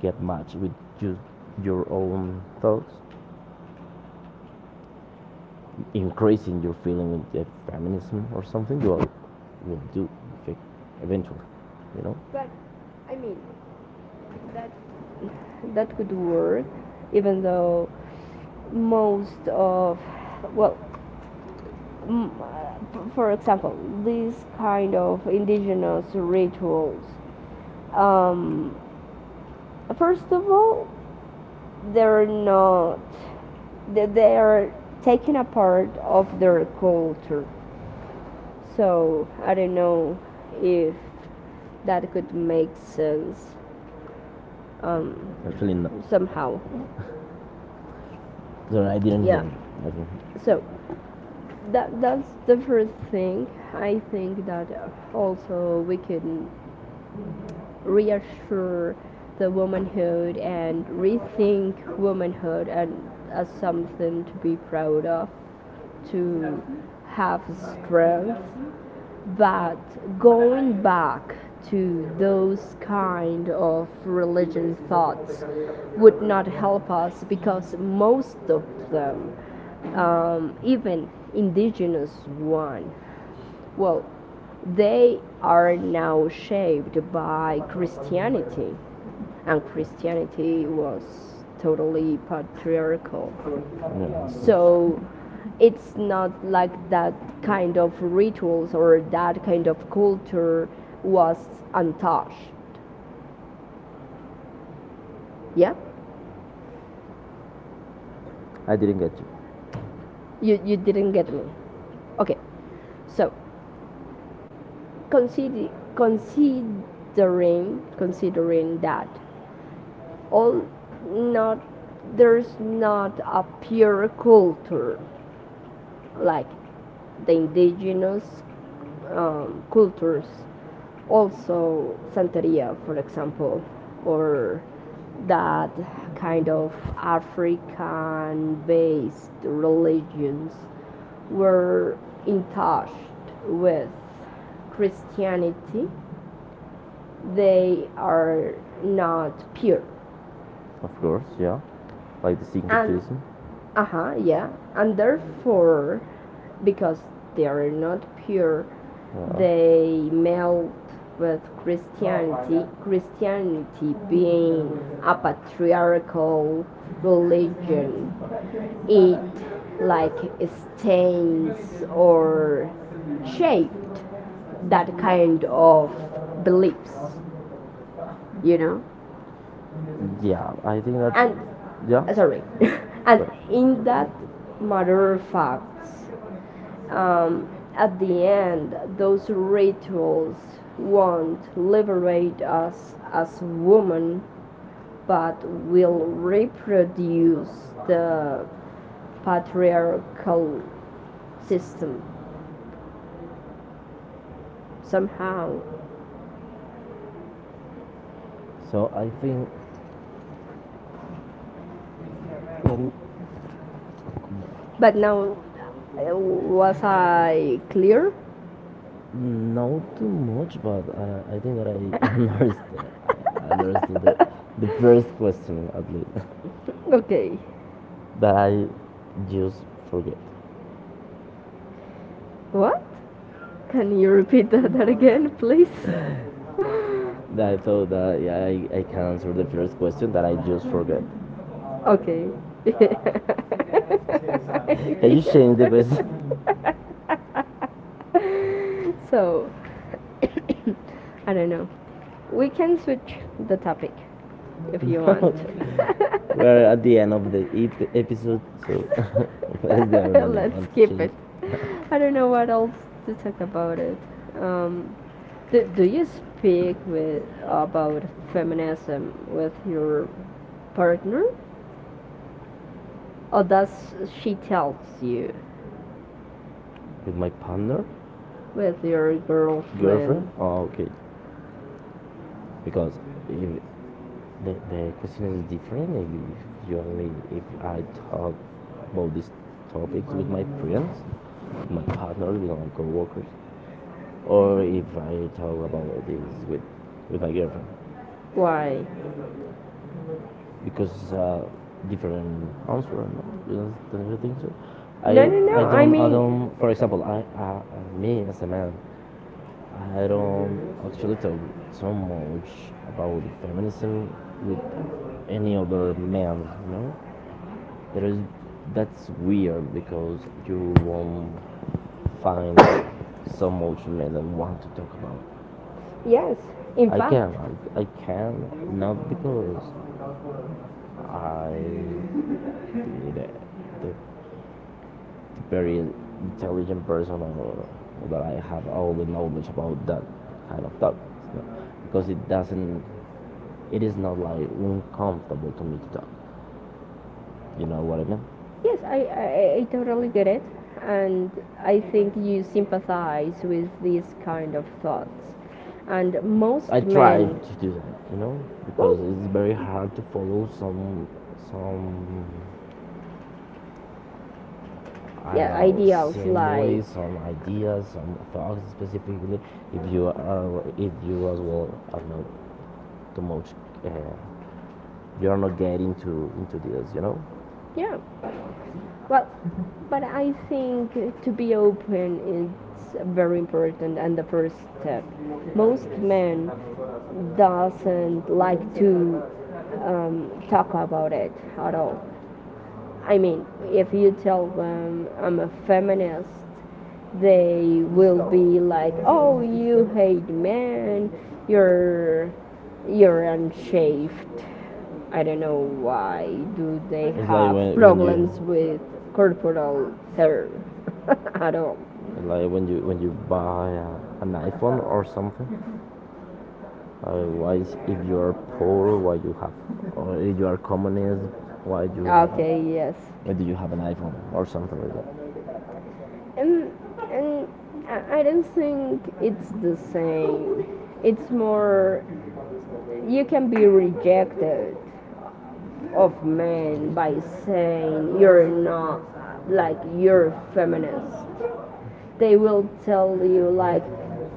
[SPEAKER 1] get matched with just your own thoughts, increasing your feeling with the feminism or something, you will do eventually, you know? But I mean, that
[SPEAKER 2] That could work, even though most of, well, for example, these kind of indigenous rituals, um, first of all, they're not, they're taken a part
[SPEAKER 1] of
[SPEAKER 2] of
[SPEAKER 1] their
[SPEAKER 2] their
[SPEAKER 1] culture.
[SPEAKER 2] culture,
[SPEAKER 1] So
[SPEAKER 2] so
[SPEAKER 1] I
[SPEAKER 2] I
[SPEAKER 1] don't
[SPEAKER 2] don't
[SPEAKER 1] know
[SPEAKER 2] know
[SPEAKER 1] if it
[SPEAKER 2] if that
[SPEAKER 1] could
[SPEAKER 2] could
[SPEAKER 1] make
[SPEAKER 2] make
[SPEAKER 1] sense.
[SPEAKER 2] sense, um,
[SPEAKER 1] Actually, no.
[SPEAKER 2] somehow.
[SPEAKER 1] Sorry, I didn't hear
[SPEAKER 2] Yeah.
[SPEAKER 1] you. I didn't hear you.
[SPEAKER 2] So that's the first
[SPEAKER 1] Think
[SPEAKER 2] thing.
[SPEAKER 1] I
[SPEAKER 2] I think
[SPEAKER 1] think that
[SPEAKER 2] that
[SPEAKER 1] also
[SPEAKER 2] also we can reassure
[SPEAKER 1] the
[SPEAKER 2] the womanhood and
[SPEAKER 1] and
[SPEAKER 2] rethink
[SPEAKER 1] rethink womanhood
[SPEAKER 2] womanhood
[SPEAKER 1] and
[SPEAKER 2] and
[SPEAKER 1] as
[SPEAKER 2] as
[SPEAKER 1] something
[SPEAKER 2] something to
[SPEAKER 1] to be
[SPEAKER 2] be proud
[SPEAKER 1] proud of,
[SPEAKER 2] of, to
[SPEAKER 1] to have
[SPEAKER 2] have strength.
[SPEAKER 1] strength,
[SPEAKER 2] But
[SPEAKER 1] but going
[SPEAKER 2] going
[SPEAKER 1] back
[SPEAKER 2] back to
[SPEAKER 1] to
[SPEAKER 2] those
[SPEAKER 1] those kind
[SPEAKER 2] kind
[SPEAKER 1] of
[SPEAKER 2] of religion
[SPEAKER 1] with thoughts
[SPEAKER 2] thoughts would
[SPEAKER 1] would
[SPEAKER 2] not
[SPEAKER 1] not
[SPEAKER 2] help
[SPEAKER 1] help
[SPEAKER 2] us
[SPEAKER 1] us
[SPEAKER 2] because
[SPEAKER 1] because most
[SPEAKER 2] most
[SPEAKER 1] of
[SPEAKER 2] of them,
[SPEAKER 1] them, even
[SPEAKER 2] even
[SPEAKER 1] indigenous
[SPEAKER 2] indigenous
[SPEAKER 1] one,
[SPEAKER 2] one,
[SPEAKER 1] well,
[SPEAKER 2] well, they are now
[SPEAKER 1] are
[SPEAKER 2] shaped
[SPEAKER 1] shaped by
[SPEAKER 2] by
[SPEAKER 1] Christianity.
[SPEAKER 2] Christianity,
[SPEAKER 1] And
[SPEAKER 2] and
[SPEAKER 1] Christianity
[SPEAKER 2] Christianity was
[SPEAKER 1] was totally
[SPEAKER 2] totally
[SPEAKER 1] patriarchal.
[SPEAKER 2] patriarchal.
[SPEAKER 1] Yeah. So
[SPEAKER 2] So
[SPEAKER 1] it's
[SPEAKER 2] it's
[SPEAKER 1] not
[SPEAKER 2] not like
[SPEAKER 1] like that
[SPEAKER 2] that
[SPEAKER 1] kind
[SPEAKER 2] kind of rituals or that kind
[SPEAKER 1] of
[SPEAKER 2] of
[SPEAKER 1] culture
[SPEAKER 2] culture
[SPEAKER 1] was
[SPEAKER 2] was
[SPEAKER 1] a
[SPEAKER 2] untouched.
[SPEAKER 1] yeah?
[SPEAKER 2] Yeah?
[SPEAKER 1] I didn't get you.
[SPEAKER 2] You, didn't get me.
[SPEAKER 1] Okay,
[SPEAKER 2] Okay,
[SPEAKER 1] so
[SPEAKER 2] so
[SPEAKER 1] consider,
[SPEAKER 2] consider, considering,
[SPEAKER 1] considering, consider
[SPEAKER 2] considering
[SPEAKER 1] that
[SPEAKER 2] that
[SPEAKER 1] all
[SPEAKER 2] all not
[SPEAKER 1] not there's
[SPEAKER 2] there's
[SPEAKER 1] not
[SPEAKER 2] not
[SPEAKER 1] a
[SPEAKER 2] a pure
[SPEAKER 1] pure culture
[SPEAKER 2] culture
[SPEAKER 1] like
[SPEAKER 2] like the
[SPEAKER 1] indigenous
[SPEAKER 2] indigenous
[SPEAKER 1] uh, cultures.
[SPEAKER 2] cultures.
[SPEAKER 1] Also,
[SPEAKER 2] Also
[SPEAKER 1] Santeria,
[SPEAKER 2] Santeria, for
[SPEAKER 1] for example,
[SPEAKER 2] example,
[SPEAKER 1] or
[SPEAKER 2] or that
[SPEAKER 1] that
[SPEAKER 2] kind
[SPEAKER 1] kind of
[SPEAKER 2] of
[SPEAKER 1] African
[SPEAKER 2] African based religions
[SPEAKER 1] were
[SPEAKER 2] were
[SPEAKER 1] in
[SPEAKER 2] in
[SPEAKER 1] touch
[SPEAKER 2] touch with
[SPEAKER 1] Christianity,
[SPEAKER 2] Christianity,
[SPEAKER 1] they
[SPEAKER 2] they
[SPEAKER 1] are
[SPEAKER 2] are
[SPEAKER 1] not
[SPEAKER 2] not
[SPEAKER 1] pure.
[SPEAKER 2] pure.
[SPEAKER 1] Of course, yeah. Like the
[SPEAKER 2] And
[SPEAKER 1] syncretism. Uh huh,
[SPEAKER 2] uh-huh,
[SPEAKER 1] yeah.
[SPEAKER 2] yeah,
[SPEAKER 1] And
[SPEAKER 2] and
[SPEAKER 1] therefore,
[SPEAKER 2] therefore,
[SPEAKER 1] because
[SPEAKER 2] because
[SPEAKER 1] they
[SPEAKER 2] they are
[SPEAKER 1] are not
[SPEAKER 2] not
[SPEAKER 1] pure,
[SPEAKER 2] pure,
[SPEAKER 1] yeah, they
[SPEAKER 2] they
[SPEAKER 1] melt
[SPEAKER 2] melt
[SPEAKER 1] with
[SPEAKER 2] with
[SPEAKER 1] Christianity,
[SPEAKER 2] Christianity,
[SPEAKER 1] Christianity
[SPEAKER 2] Christianity
[SPEAKER 1] being
[SPEAKER 2] being a
[SPEAKER 1] a patriarchal
[SPEAKER 2] patriarchal
[SPEAKER 1] religion,
[SPEAKER 2] religion, it
[SPEAKER 1] it like
[SPEAKER 2] like stains
[SPEAKER 1] stains or
[SPEAKER 2] or
[SPEAKER 1] shaped
[SPEAKER 2] shaped
[SPEAKER 1] that
[SPEAKER 2] that
[SPEAKER 1] kind
[SPEAKER 2] kind of
[SPEAKER 1] of
[SPEAKER 2] beliefs,
[SPEAKER 1] beliefs,
[SPEAKER 2] you
[SPEAKER 1] you know.
[SPEAKER 2] know
[SPEAKER 1] Yeah, I think that. And
[SPEAKER 2] and
[SPEAKER 1] yeah. Sorry.
[SPEAKER 2] sorry.
[SPEAKER 1] And
[SPEAKER 2] And
[SPEAKER 1] in
[SPEAKER 2] in
[SPEAKER 1] that
[SPEAKER 2] that matter
[SPEAKER 1] matter of
[SPEAKER 2] of facts,
[SPEAKER 1] fact,
[SPEAKER 2] Um,
[SPEAKER 1] um,
[SPEAKER 2] at
[SPEAKER 1] at the
[SPEAKER 2] the
[SPEAKER 1] end,
[SPEAKER 2] end,
[SPEAKER 1] those
[SPEAKER 2] those
[SPEAKER 1] rituals
[SPEAKER 2] rituals
[SPEAKER 1] want
[SPEAKER 2] won't liberate
[SPEAKER 1] separate
[SPEAKER 2] us
[SPEAKER 1] us
[SPEAKER 2] as
[SPEAKER 1] as women,
[SPEAKER 2] women,
[SPEAKER 1] but
[SPEAKER 2] but
[SPEAKER 1] will
[SPEAKER 2] will
[SPEAKER 1] reproduce
[SPEAKER 2] reproduce
[SPEAKER 1] the
[SPEAKER 2] the
[SPEAKER 1] patriarchal
[SPEAKER 2] patriarchal
[SPEAKER 1] system
[SPEAKER 2] system
[SPEAKER 1] somehow.
[SPEAKER 2] somehow.
[SPEAKER 1] So I think then.
[SPEAKER 2] But
[SPEAKER 1] But now,
[SPEAKER 2] now,
[SPEAKER 1] was
[SPEAKER 2] was
[SPEAKER 1] I
[SPEAKER 2] I clear?
[SPEAKER 1] not too much, but I think that I understood. I understood the first question at least, okay?
[SPEAKER 2] Okay.
[SPEAKER 1] That I just forget. What?
[SPEAKER 2] What? Can
[SPEAKER 1] Can
[SPEAKER 2] you
[SPEAKER 1] you
[SPEAKER 2] repeat
[SPEAKER 1] repeat that,
[SPEAKER 2] that
[SPEAKER 1] that
[SPEAKER 2] again,
[SPEAKER 1] again, please?
[SPEAKER 2] please?
[SPEAKER 1] That so that yeah, I can answer the first question that I just forgot. Okay.
[SPEAKER 2] Okay.
[SPEAKER 1] Can you change the question?
[SPEAKER 2] So, I don't know. We can switch the topic if you want.
[SPEAKER 1] We're at the end of the ep- episode, so what is the order you
[SPEAKER 2] Let's
[SPEAKER 1] want to
[SPEAKER 2] skip
[SPEAKER 1] change?
[SPEAKER 2] it. I don't know
[SPEAKER 1] What
[SPEAKER 2] what
[SPEAKER 1] else
[SPEAKER 2] else to
[SPEAKER 1] to
[SPEAKER 2] talk
[SPEAKER 1] talk
[SPEAKER 2] about
[SPEAKER 1] about it?
[SPEAKER 2] it.
[SPEAKER 1] Um,
[SPEAKER 2] Um, do you speak with
[SPEAKER 1] about
[SPEAKER 2] about
[SPEAKER 1] feminism
[SPEAKER 2] feminism with
[SPEAKER 1] your
[SPEAKER 2] your partner?
[SPEAKER 1] partner,
[SPEAKER 2] Oh,
[SPEAKER 1] or does
[SPEAKER 2] that's she
[SPEAKER 1] she
[SPEAKER 2] tells
[SPEAKER 1] tells
[SPEAKER 2] you
[SPEAKER 1] with my partner, with
[SPEAKER 2] with
[SPEAKER 1] your
[SPEAKER 2] your.
[SPEAKER 1] girlfriend. Oh, okay. Because if the question is different if you only if I talk about these topics with my friends, my partner, with my coworkers, or if I talk about this with my girlfriend. Why?
[SPEAKER 2] Why?
[SPEAKER 1] Because it's a different answer. No, you don't you think so? I I don't I don't. For example, I me as a man, I don't actually talk so much about feminism with any other man. You know, there is that's weird because you won't find so much men that want to talk about. Yes.
[SPEAKER 2] Yes.
[SPEAKER 1] In I fact, can, I can, not because I be the, the very intelligent person or that I have all the knowledge about that kind of stuff. You because it doesn't, it is not like uncomfortable to me to talk. You know what I mean? Yes,
[SPEAKER 2] Yes,
[SPEAKER 1] I,
[SPEAKER 2] I,
[SPEAKER 1] I,
[SPEAKER 2] I, I
[SPEAKER 1] I totally
[SPEAKER 2] totally
[SPEAKER 1] get
[SPEAKER 2] get
[SPEAKER 1] it,
[SPEAKER 2] it.
[SPEAKER 1] and
[SPEAKER 2] And
[SPEAKER 1] I
[SPEAKER 2] I
[SPEAKER 1] think
[SPEAKER 2] think
[SPEAKER 1] you
[SPEAKER 2] you
[SPEAKER 1] sympathize
[SPEAKER 2] sympathize
[SPEAKER 1] with
[SPEAKER 2] with
[SPEAKER 1] this
[SPEAKER 2] these
[SPEAKER 1] kind
[SPEAKER 2] kind
[SPEAKER 1] of
[SPEAKER 2] of
[SPEAKER 1] thoughts.
[SPEAKER 2] thoughts.
[SPEAKER 1] And
[SPEAKER 2] And I,
[SPEAKER 1] most I
[SPEAKER 2] most
[SPEAKER 1] try
[SPEAKER 2] men,
[SPEAKER 1] to do that, you know,
[SPEAKER 2] well,
[SPEAKER 1] because it's very hard to follow some
[SPEAKER 2] some,
[SPEAKER 1] I yeah, don't
[SPEAKER 2] yeah,
[SPEAKER 1] know, ideals, like
[SPEAKER 2] ideals, like,
[SPEAKER 1] symbols, some ideas, some thoughts specifically. If you are, if you as well are not too much, uh, you are not getting to into this, you know. Yeah.
[SPEAKER 2] yeah.
[SPEAKER 1] Well,
[SPEAKER 2] Well,
[SPEAKER 1] but
[SPEAKER 2] but
[SPEAKER 1] I
[SPEAKER 2] I
[SPEAKER 1] think
[SPEAKER 2] think
[SPEAKER 1] to
[SPEAKER 2] to be
[SPEAKER 1] be open
[SPEAKER 2] open
[SPEAKER 1] is
[SPEAKER 2] is very
[SPEAKER 1] very
[SPEAKER 2] important
[SPEAKER 1] important and
[SPEAKER 2] and the
[SPEAKER 1] the first
[SPEAKER 2] first
[SPEAKER 1] step.
[SPEAKER 2] step.
[SPEAKER 1] Most
[SPEAKER 2] Most
[SPEAKER 1] men
[SPEAKER 2] men doesn't
[SPEAKER 1] doesn't like
[SPEAKER 2] like to
[SPEAKER 1] to talk
[SPEAKER 2] talk about
[SPEAKER 1] about it
[SPEAKER 2] it at
[SPEAKER 1] at all.
[SPEAKER 2] all.
[SPEAKER 1] I
[SPEAKER 2] I
[SPEAKER 1] mean,
[SPEAKER 2] mean,
[SPEAKER 1] if
[SPEAKER 2] if you
[SPEAKER 1] you tell
[SPEAKER 2] tell
[SPEAKER 1] them
[SPEAKER 2] them I'm
[SPEAKER 1] I'm a
[SPEAKER 2] a
[SPEAKER 1] feminist,
[SPEAKER 2] feminist,
[SPEAKER 1] they
[SPEAKER 2] they will
[SPEAKER 1] will
[SPEAKER 2] be
[SPEAKER 1] be like,
[SPEAKER 2] like,
[SPEAKER 1] "Oh,
[SPEAKER 2] "Oh, you
[SPEAKER 1] you
[SPEAKER 2] hate
[SPEAKER 1] man,
[SPEAKER 2] men.
[SPEAKER 1] you're
[SPEAKER 2] You're you're
[SPEAKER 1] you're
[SPEAKER 2] unshaved."
[SPEAKER 1] unshaved."
[SPEAKER 2] I
[SPEAKER 1] I
[SPEAKER 2] don't
[SPEAKER 1] don't
[SPEAKER 2] know
[SPEAKER 1] know why
[SPEAKER 2] why
[SPEAKER 1] do
[SPEAKER 2] do
[SPEAKER 1] they
[SPEAKER 2] they
[SPEAKER 1] It's have like
[SPEAKER 2] have
[SPEAKER 1] when- problems when you-
[SPEAKER 2] problems
[SPEAKER 1] problems
[SPEAKER 2] with
[SPEAKER 1] with corporal
[SPEAKER 2] corporal
[SPEAKER 1] hair
[SPEAKER 2] hair at
[SPEAKER 1] at all.
[SPEAKER 2] all.
[SPEAKER 1] Like when you buy a, an iphone or something why if you are poor why you have or if you are communist why you okay. Have
[SPEAKER 2] Okay,
[SPEAKER 1] okay,
[SPEAKER 2] yes.
[SPEAKER 1] why do you have an iPhone or something like that? And,
[SPEAKER 2] and
[SPEAKER 1] and
[SPEAKER 2] and
[SPEAKER 1] I
[SPEAKER 2] I don't
[SPEAKER 1] don't think
[SPEAKER 2] think it's
[SPEAKER 1] it's the
[SPEAKER 2] the
[SPEAKER 1] same.
[SPEAKER 2] same. It's
[SPEAKER 1] It's more.
[SPEAKER 2] more,
[SPEAKER 1] You
[SPEAKER 2] you
[SPEAKER 1] can
[SPEAKER 2] can
[SPEAKER 1] be
[SPEAKER 2] be
[SPEAKER 1] rejected
[SPEAKER 2] rejected of
[SPEAKER 1] of men
[SPEAKER 2] men
[SPEAKER 1] by
[SPEAKER 2] by
[SPEAKER 1] saying
[SPEAKER 2] saying you're
[SPEAKER 1] you're not
[SPEAKER 2] not,
[SPEAKER 1] like
[SPEAKER 2] like, you're
[SPEAKER 1] you're
[SPEAKER 2] feminist.
[SPEAKER 1] feminist. They
[SPEAKER 2] They
[SPEAKER 1] will
[SPEAKER 2] will
[SPEAKER 1] tell
[SPEAKER 2] tell
[SPEAKER 1] you
[SPEAKER 2] you
[SPEAKER 1] like,
[SPEAKER 2] like,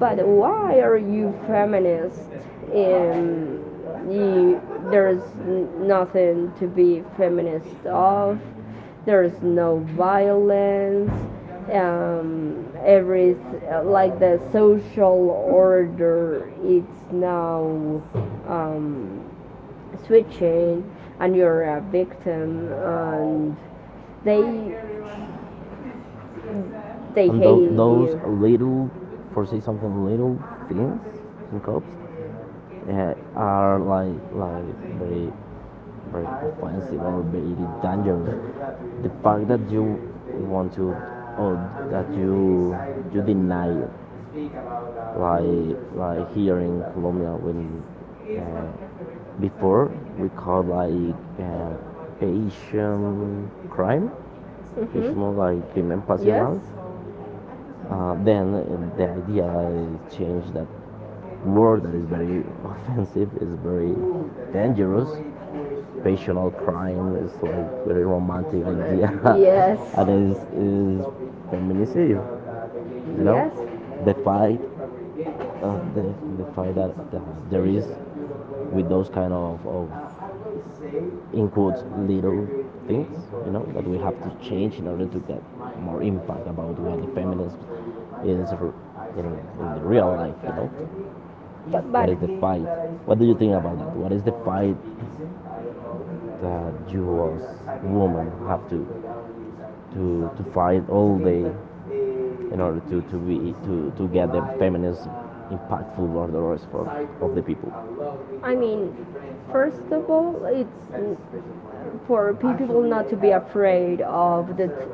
[SPEAKER 1] but why
[SPEAKER 2] why
[SPEAKER 1] are
[SPEAKER 2] are
[SPEAKER 1] you
[SPEAKER 2] you
[SPEAKER 1] feminist?
[SPEAKER 2] feminist?
[SPEAKER 1] And
[SPEAKER 2] um,
[SPEAKER 1] you,
[SPEAKER 2] you, there's
[SPEAKER 1] there's nothing
[SPEAKER 2] nothing
[SPEAKER 1] to
[SPEAKER 2] to
[SPEAKER 1] be
[SPEAKER 2] be feminist
[SPEAKER 1] feminist of.
[SPEAKER 2] of.
[SPEAKER 1] There's
[SPEAKER 2] There's no
[SPEAKER 1] violence,
[SPEAKER 2] violence,
[SPEAKER 1] um, every
[SPEAKER 2] every like
[SPEAKER 1] like the
[SPEAKER 2] the social
[SPEAKER 1] social order
[SPEAKER 2] order
[SPEAKER 1] is
[SPEAKER 2] it's
[SPEAKER 1] now
[SPEAKER 2] now,
[SPEAKER 1] um,
[SPEAKER 2] um,
[SPEAKER 1] switching,
[SPEAKER 2] switching, and
[SPEAKER 1] and you're
[SPEAKER 2] you're
[SPEAKER 1] a
[SPEAKER 2] a victim,
[SPEAKER 1] victim, and
[SPEAKER 2] and
[SPEAKER 1] they
[SPEAKER 2] they
[SPEAKER 1] they
[SPEAKER 2] they
[SPEAKER 1] And
[SPEAKER 2] hate
[SPEAKER 1] those
[SPEAKER 2] you,
[SPEAKER 1] little, for say something, little things and cops yeah, are like very very offensive or very dangerous. The fact that you want to or that you deny it, like here in Colombia when uh, before we call like patient crime,
[SPEAKER 2] like.
[SPEAKER 1] patient like crimen
[SPEAKER 2] Mm-hmm.
[SPEAKER 1] pasional. Then the idea is changed that word that is very offensive is very dangerous passional crime is like very romantic idea. Yes. And is feminicide you know yes. The fight the fight that, that there is with those kind of in quotes little things you know that we have to change in order to get more impact about what the feminism is in, in the real life you know
[SPEAKER 2] But
[SPEAKER 1] what
[SPEAKER 2] but
[SPEAKER 1] is the fight? What do you think about that? What is the fight that you as woman have to to fight all day in order to be to get the feminist impactful orders for of the people. I
[SPEAKER 2] I mean,
[SPEAKER 1] mean, first
[SPEAKER 2] first
[SPEAKER 1] of
[SPEAKER 2] of
[SPEAKER 1] all,
[SPEAKER 2] all,
[SPEAKER 1] it's
[SPEAKER 2] for
[SPEAKER 1] for
[SPEAKER 2] pe-
[SPEAKER 1] people
[SPEAKER 2] people not
[SPEAKER 1] not to
[SPEAKER 2] to
[SPEAKER 1] be
[SPEAKER 2] be
[SPEAKER 1] afraid
[SPEAKER 2] afraid of
[SPEAKER 1] of
[SPEAKER 2] the t-
[SPEAKER 1] the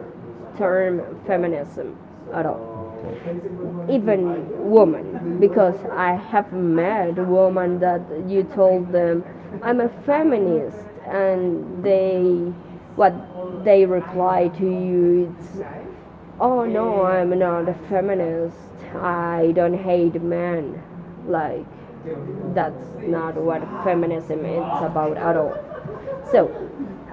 [SPEAKER 1] term
[SPEAKER 2] term
[SPEAKER 1] feminism
[SPEAKER 2] feminism at
[SPEAKER 1] at
[SPEAKER 2] all.
[SPEAKER 1] all. Okay.
[SPEAKER 2] Even
[SPEAKER 1] Even
[SPEAKER 2] women,
[SPEAKER 1] women, because
[SPEAKER 2] because
[SPEAKER 1] I
[SPEAKER 2] I have
[SPEAKER 1] have met
[SPEAKER 2] met
[SPEAKER 1] a
[SPEAKER 2] women
[SPEAKER 1] woman that
[SPEAKER 2] that you
[SPEAKER 1] you told
[SPEAKER 2] told
[SPEAKER 1] them,
[SPEAKER 2] them,
[SPEAKER 1] I'm
[SPEAKER 2] I'm
[SPEAKER 1] a
[SPEAKER 2] a
[SPEAKER 1] feminist,
[SPEAKER 2] feminist,
[SPEAKER 1] and
[SPEAKER 2] and
[SPEAKER 1] they,
[SPEAKER 2] they, what
[SPEAKER 1] what they
[SPEAKER 2] they reply
[SPEAKER 1] reply to
[SPEAKER 2] to you,
[SPEAKER 1] you it's
[SPEAKER 2] it's,
[SPEAKER 1] oh
[SPEAKER 2] oh no,
[SPEAKER 1] no, yeah.
[SPEAKER 2] I'm
[SPEAKER 1] I'm not
[SPEAKER 2] not a
[SPEAKER 1] a feminist.
[SPEAKER 2] feminist,
[SPEAKER 1] I
[SPEAKER 2] I
[SPEAKER 1] don't
[SPEAKER 2] don't hate
[SPEAKER 1] hate men.
[SPEAKER 2] men,
[SPEAKER 1] Like,
[SPEAKER 2] like
[SPEAKER 1] that's
[SPEAKER 2] that's
[SPEAKER 1] not
[SPEAKER 2] not what
[SPEAKER 1] what feminism
[SPEAKER 2] feminism is
[SPEAKER 1] is
[SPEAKER 2] about
[SPEAKER 1] about
[SPEAKER 2] at
[SPEAKER 1] at
[SPEAKER 2] all.
[SPEAKER 1] all. So,
[SPEAKER 2] So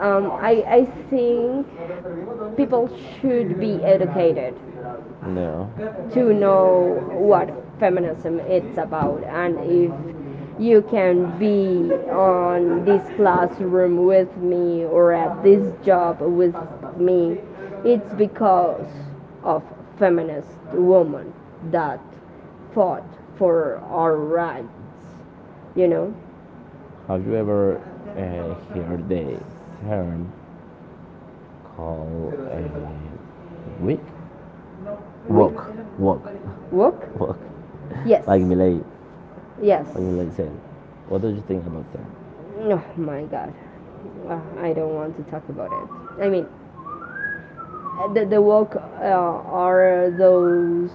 [SPEAKER 1] I,
[SPEAKER 2] I,
[SPEAKER 1] I
[SPEAKER 2] I think
[SPEAKER 1] think people
[SPEAKER 2] people should
[SPEAKER 1] should
[SPEAKER 2] be
[SPEAKER 1] be educated.
[SPEAKER 2] educated
[SPEAKER 1] No.
[SPEAKER 2] to
[SPEAKER 1] To know
[SPEAKER 2] know what
[SPEAKER 1] what
[SPEAKER 2] feminism
[SPEAKER 1] feminism
[SPEAKER 2] it's
[SPEAKER 1] is
[SPEAKER 2] about,
[SPEAKER 1] about and
[SPEAKER 2] and if
[SPEAKER 1] if you
[SPEAKER 2] you
[SPEAKER 1] can
[SPEAKER 2] can be
[SPEAKER 1] be on
[SPEAKER 2] on this
[SPEAKER 1] this classroom
[SPEAKER 2] classroom with me
[SPEAKER 1] me
[SPEAKER 2] or
[SPEAKER 1] or
[SPEAKER 2] at
[SPEAKER 1] at this
[SPEAKER 2] this
[SPEAKER 1] job
[SPEAKER 2] job
[SPEAKER 1] with
[SPEAKER 2] with me,
[SPEAKER 1] me, it's
[SPEAKER 2] it's
[SPEAKER 1] because
[SPEAKER 2] because
[SPEAKER 1] of
[SPEAKER 2] of
[SPEAKER 1] feminist
[SPEAKER 2] feminist
[SPEAKER 1] women
[SPEAKER 2] women
[SPEAKER 1] that
[SPEAKER 2] that fought
[SPEAKER 1] fought
[SPEAKER 2] for
[SPEAKER 1] for our
[SPEAKER 2] our
[SPEAKER 1] rights,
[SPEAKER 2] rights you
[SPEAKER 1] you know.
[SPEAKER 2] know
[SPEAKER 1] Have you ever heard the term called wick?
[SPEAKER 2] we
[SPEAKER 1] Walk, walk,
[SPEAKER 2] work.
[SPEAKER 1] Look, walk. Yes.
[SPEAKER 2] Yes.
[SPEAKER 1] Like Miley Yes.
[SPEAKER 2] Yes.
[SPEAKER 1] on your LinkedIn. What did you think about that? Oh
[SPEAKER 2] Oh
[SPEAKER 1] my
[SPEAKER 2] my
[SPEAKER 1] god.
[SPEAKER 2] god.
[SPEAKER 1] I
[SPEAKER 2] I
[SPEAKER 1] don't
[SPEAKER 2] don't
[SPEAKER 1] want
[SPEAKER 2] want
[SPEAKER 1] to
[SPEAKER 2] to
[SPEAKER 1] talk
[SPEAKER 2] talk about
[SPEAKER 1] about
[SPEAKER 2] it.
[SPEAKER 1] it. I
[SPEAKER 2] I
[SPEAKER 1] mean,
[SPEAKER 2] mean, the,
[SPEAKER 1] the
[SPEAKER 2] the work,
[SPEAKER 1] woke
[SPEAKER 2] are
[SPEAKER 1] are those
[SPEAKER 2] those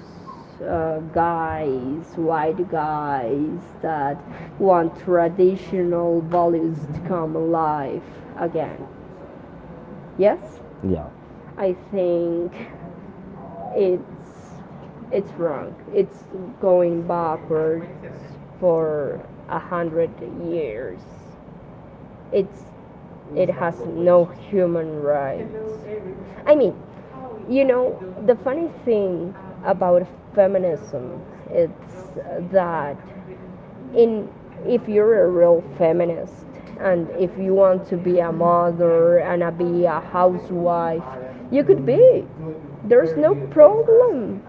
[SPEAKER 1] guys, white
[SPEAKER 2] white
[SPEAKER 1] guys,
[SPEAKER 2] guys
[SPEAKER 1] that
[SPEAKER 2] that
[SPEAKER 1] want
[SPEAKER 2] want traditional
[SPEAKER 1] traditional values
[SPEAKER 2] values
[SPEAKER 1] to
[SPEAKER 2] to
[SPEAKER 1] come
[SPEAKER 2] come
[SPEAKER 1] alive
[SPEAKER 2] alive
[SPEAKER 1] again.
[SPEAKER 2] again.
[SPEAKER 1] Yes?
[SPEAKER 2] Yes,
[SPEAKER 1] Yeah. I
[SPEAKER 2] I
[SPEAKER 1] think
[SPEAKER 2] think it's
[SPEAKER 1] it's it's
[SPEAKER 2] it's
[SPEAKER 1] wrong.
[SPEAKER 2] wrong.
[SPEAKER 1] It's
[SPEAKER 2] It's
[SPEAKER 1] going
[SPEAKER 2] going
[SPEAKER 1] backwards
[SPEAKER 2] backwards
[SPEAKER 1] for
[SPEAKER 2] for
[SPEAKER 1] a
[SPEAKER 2] a
[SPEAKER 1] hundred
[SPEAKER 2] hundred
[SPEAKER 1] years.
[SPEAKER 2] years. It's
[SPEAKER 1] It's it
[SPEAKER 2] it
[SPEAKER 1] has
[SPEAKER 2] has no
[SPEAKER 1] no
[SPEAKER 2] human
[SPEAKER 1] human rights.
[SPEAKER 2] rights.
[SPEAKER 1] I
[SPEAKER 2] I mean,
[SPEAKER 1] mean,
[SPEAKER 2] you
[SPEAKER 1] you
[SPEAKER 2] know,
[SPEAKER 1] know, the
[SPEAKER 2] the funny
[SPEAKER 1] funny
[SPEAKER 2] thing
[SPEAKER 1] thing
[SPEAKER 2] about
[SPEAKER 1] about
[SPEAKER 2] feminism
[SPEAKER 1] feminism is
[SPEAKER 2] it's
[SPEAKER 1] that
[SPEAKER 2] that in
[SPEAKER 1] in if
[SPEAKER 2] if you're
[SPEAKER 1] you're
[SPEAKER 2] a
[SPEAKER 1] a
[SPEAKER 2] real
[SPEAKER 1] real feminist
[SPEAKER 2] feminist
[SPEAKER 1] and
[SPEAKER 2] and
[SPEAKER 1] if
[SPEAKER 2] if you
[SPEAKER 1] you
[SPEAKER 2] want
[SPEAKER 1] want
[SPEAKER 2] to
[SPEAKER 1] to be
[SPEAKER 2] be
[SPEAKER 1] a
[SPEAKER 2] a mother
[SPEAKER 1] mother
[SPEAKER 2] and
[SPEAKER 1] and a,
[SPEAKER 2] be
[SPEAKER 1] be
[SPEAKER 2] a
[SPEAKER 1] a housewife,
[SPEAKER 2] housewife,
[SPEAKER 1] you
[SPEAKER 2] you could
[SPEAKER 1] could
[SPEAKER 2] be.
[SPEAKER 1] be.
[SPEAKER 2] There's
[SPEAKER 1] There's
[SPEAKER 2] no
[SPEAKER 1] no problem.
[SPEAKER 2] problem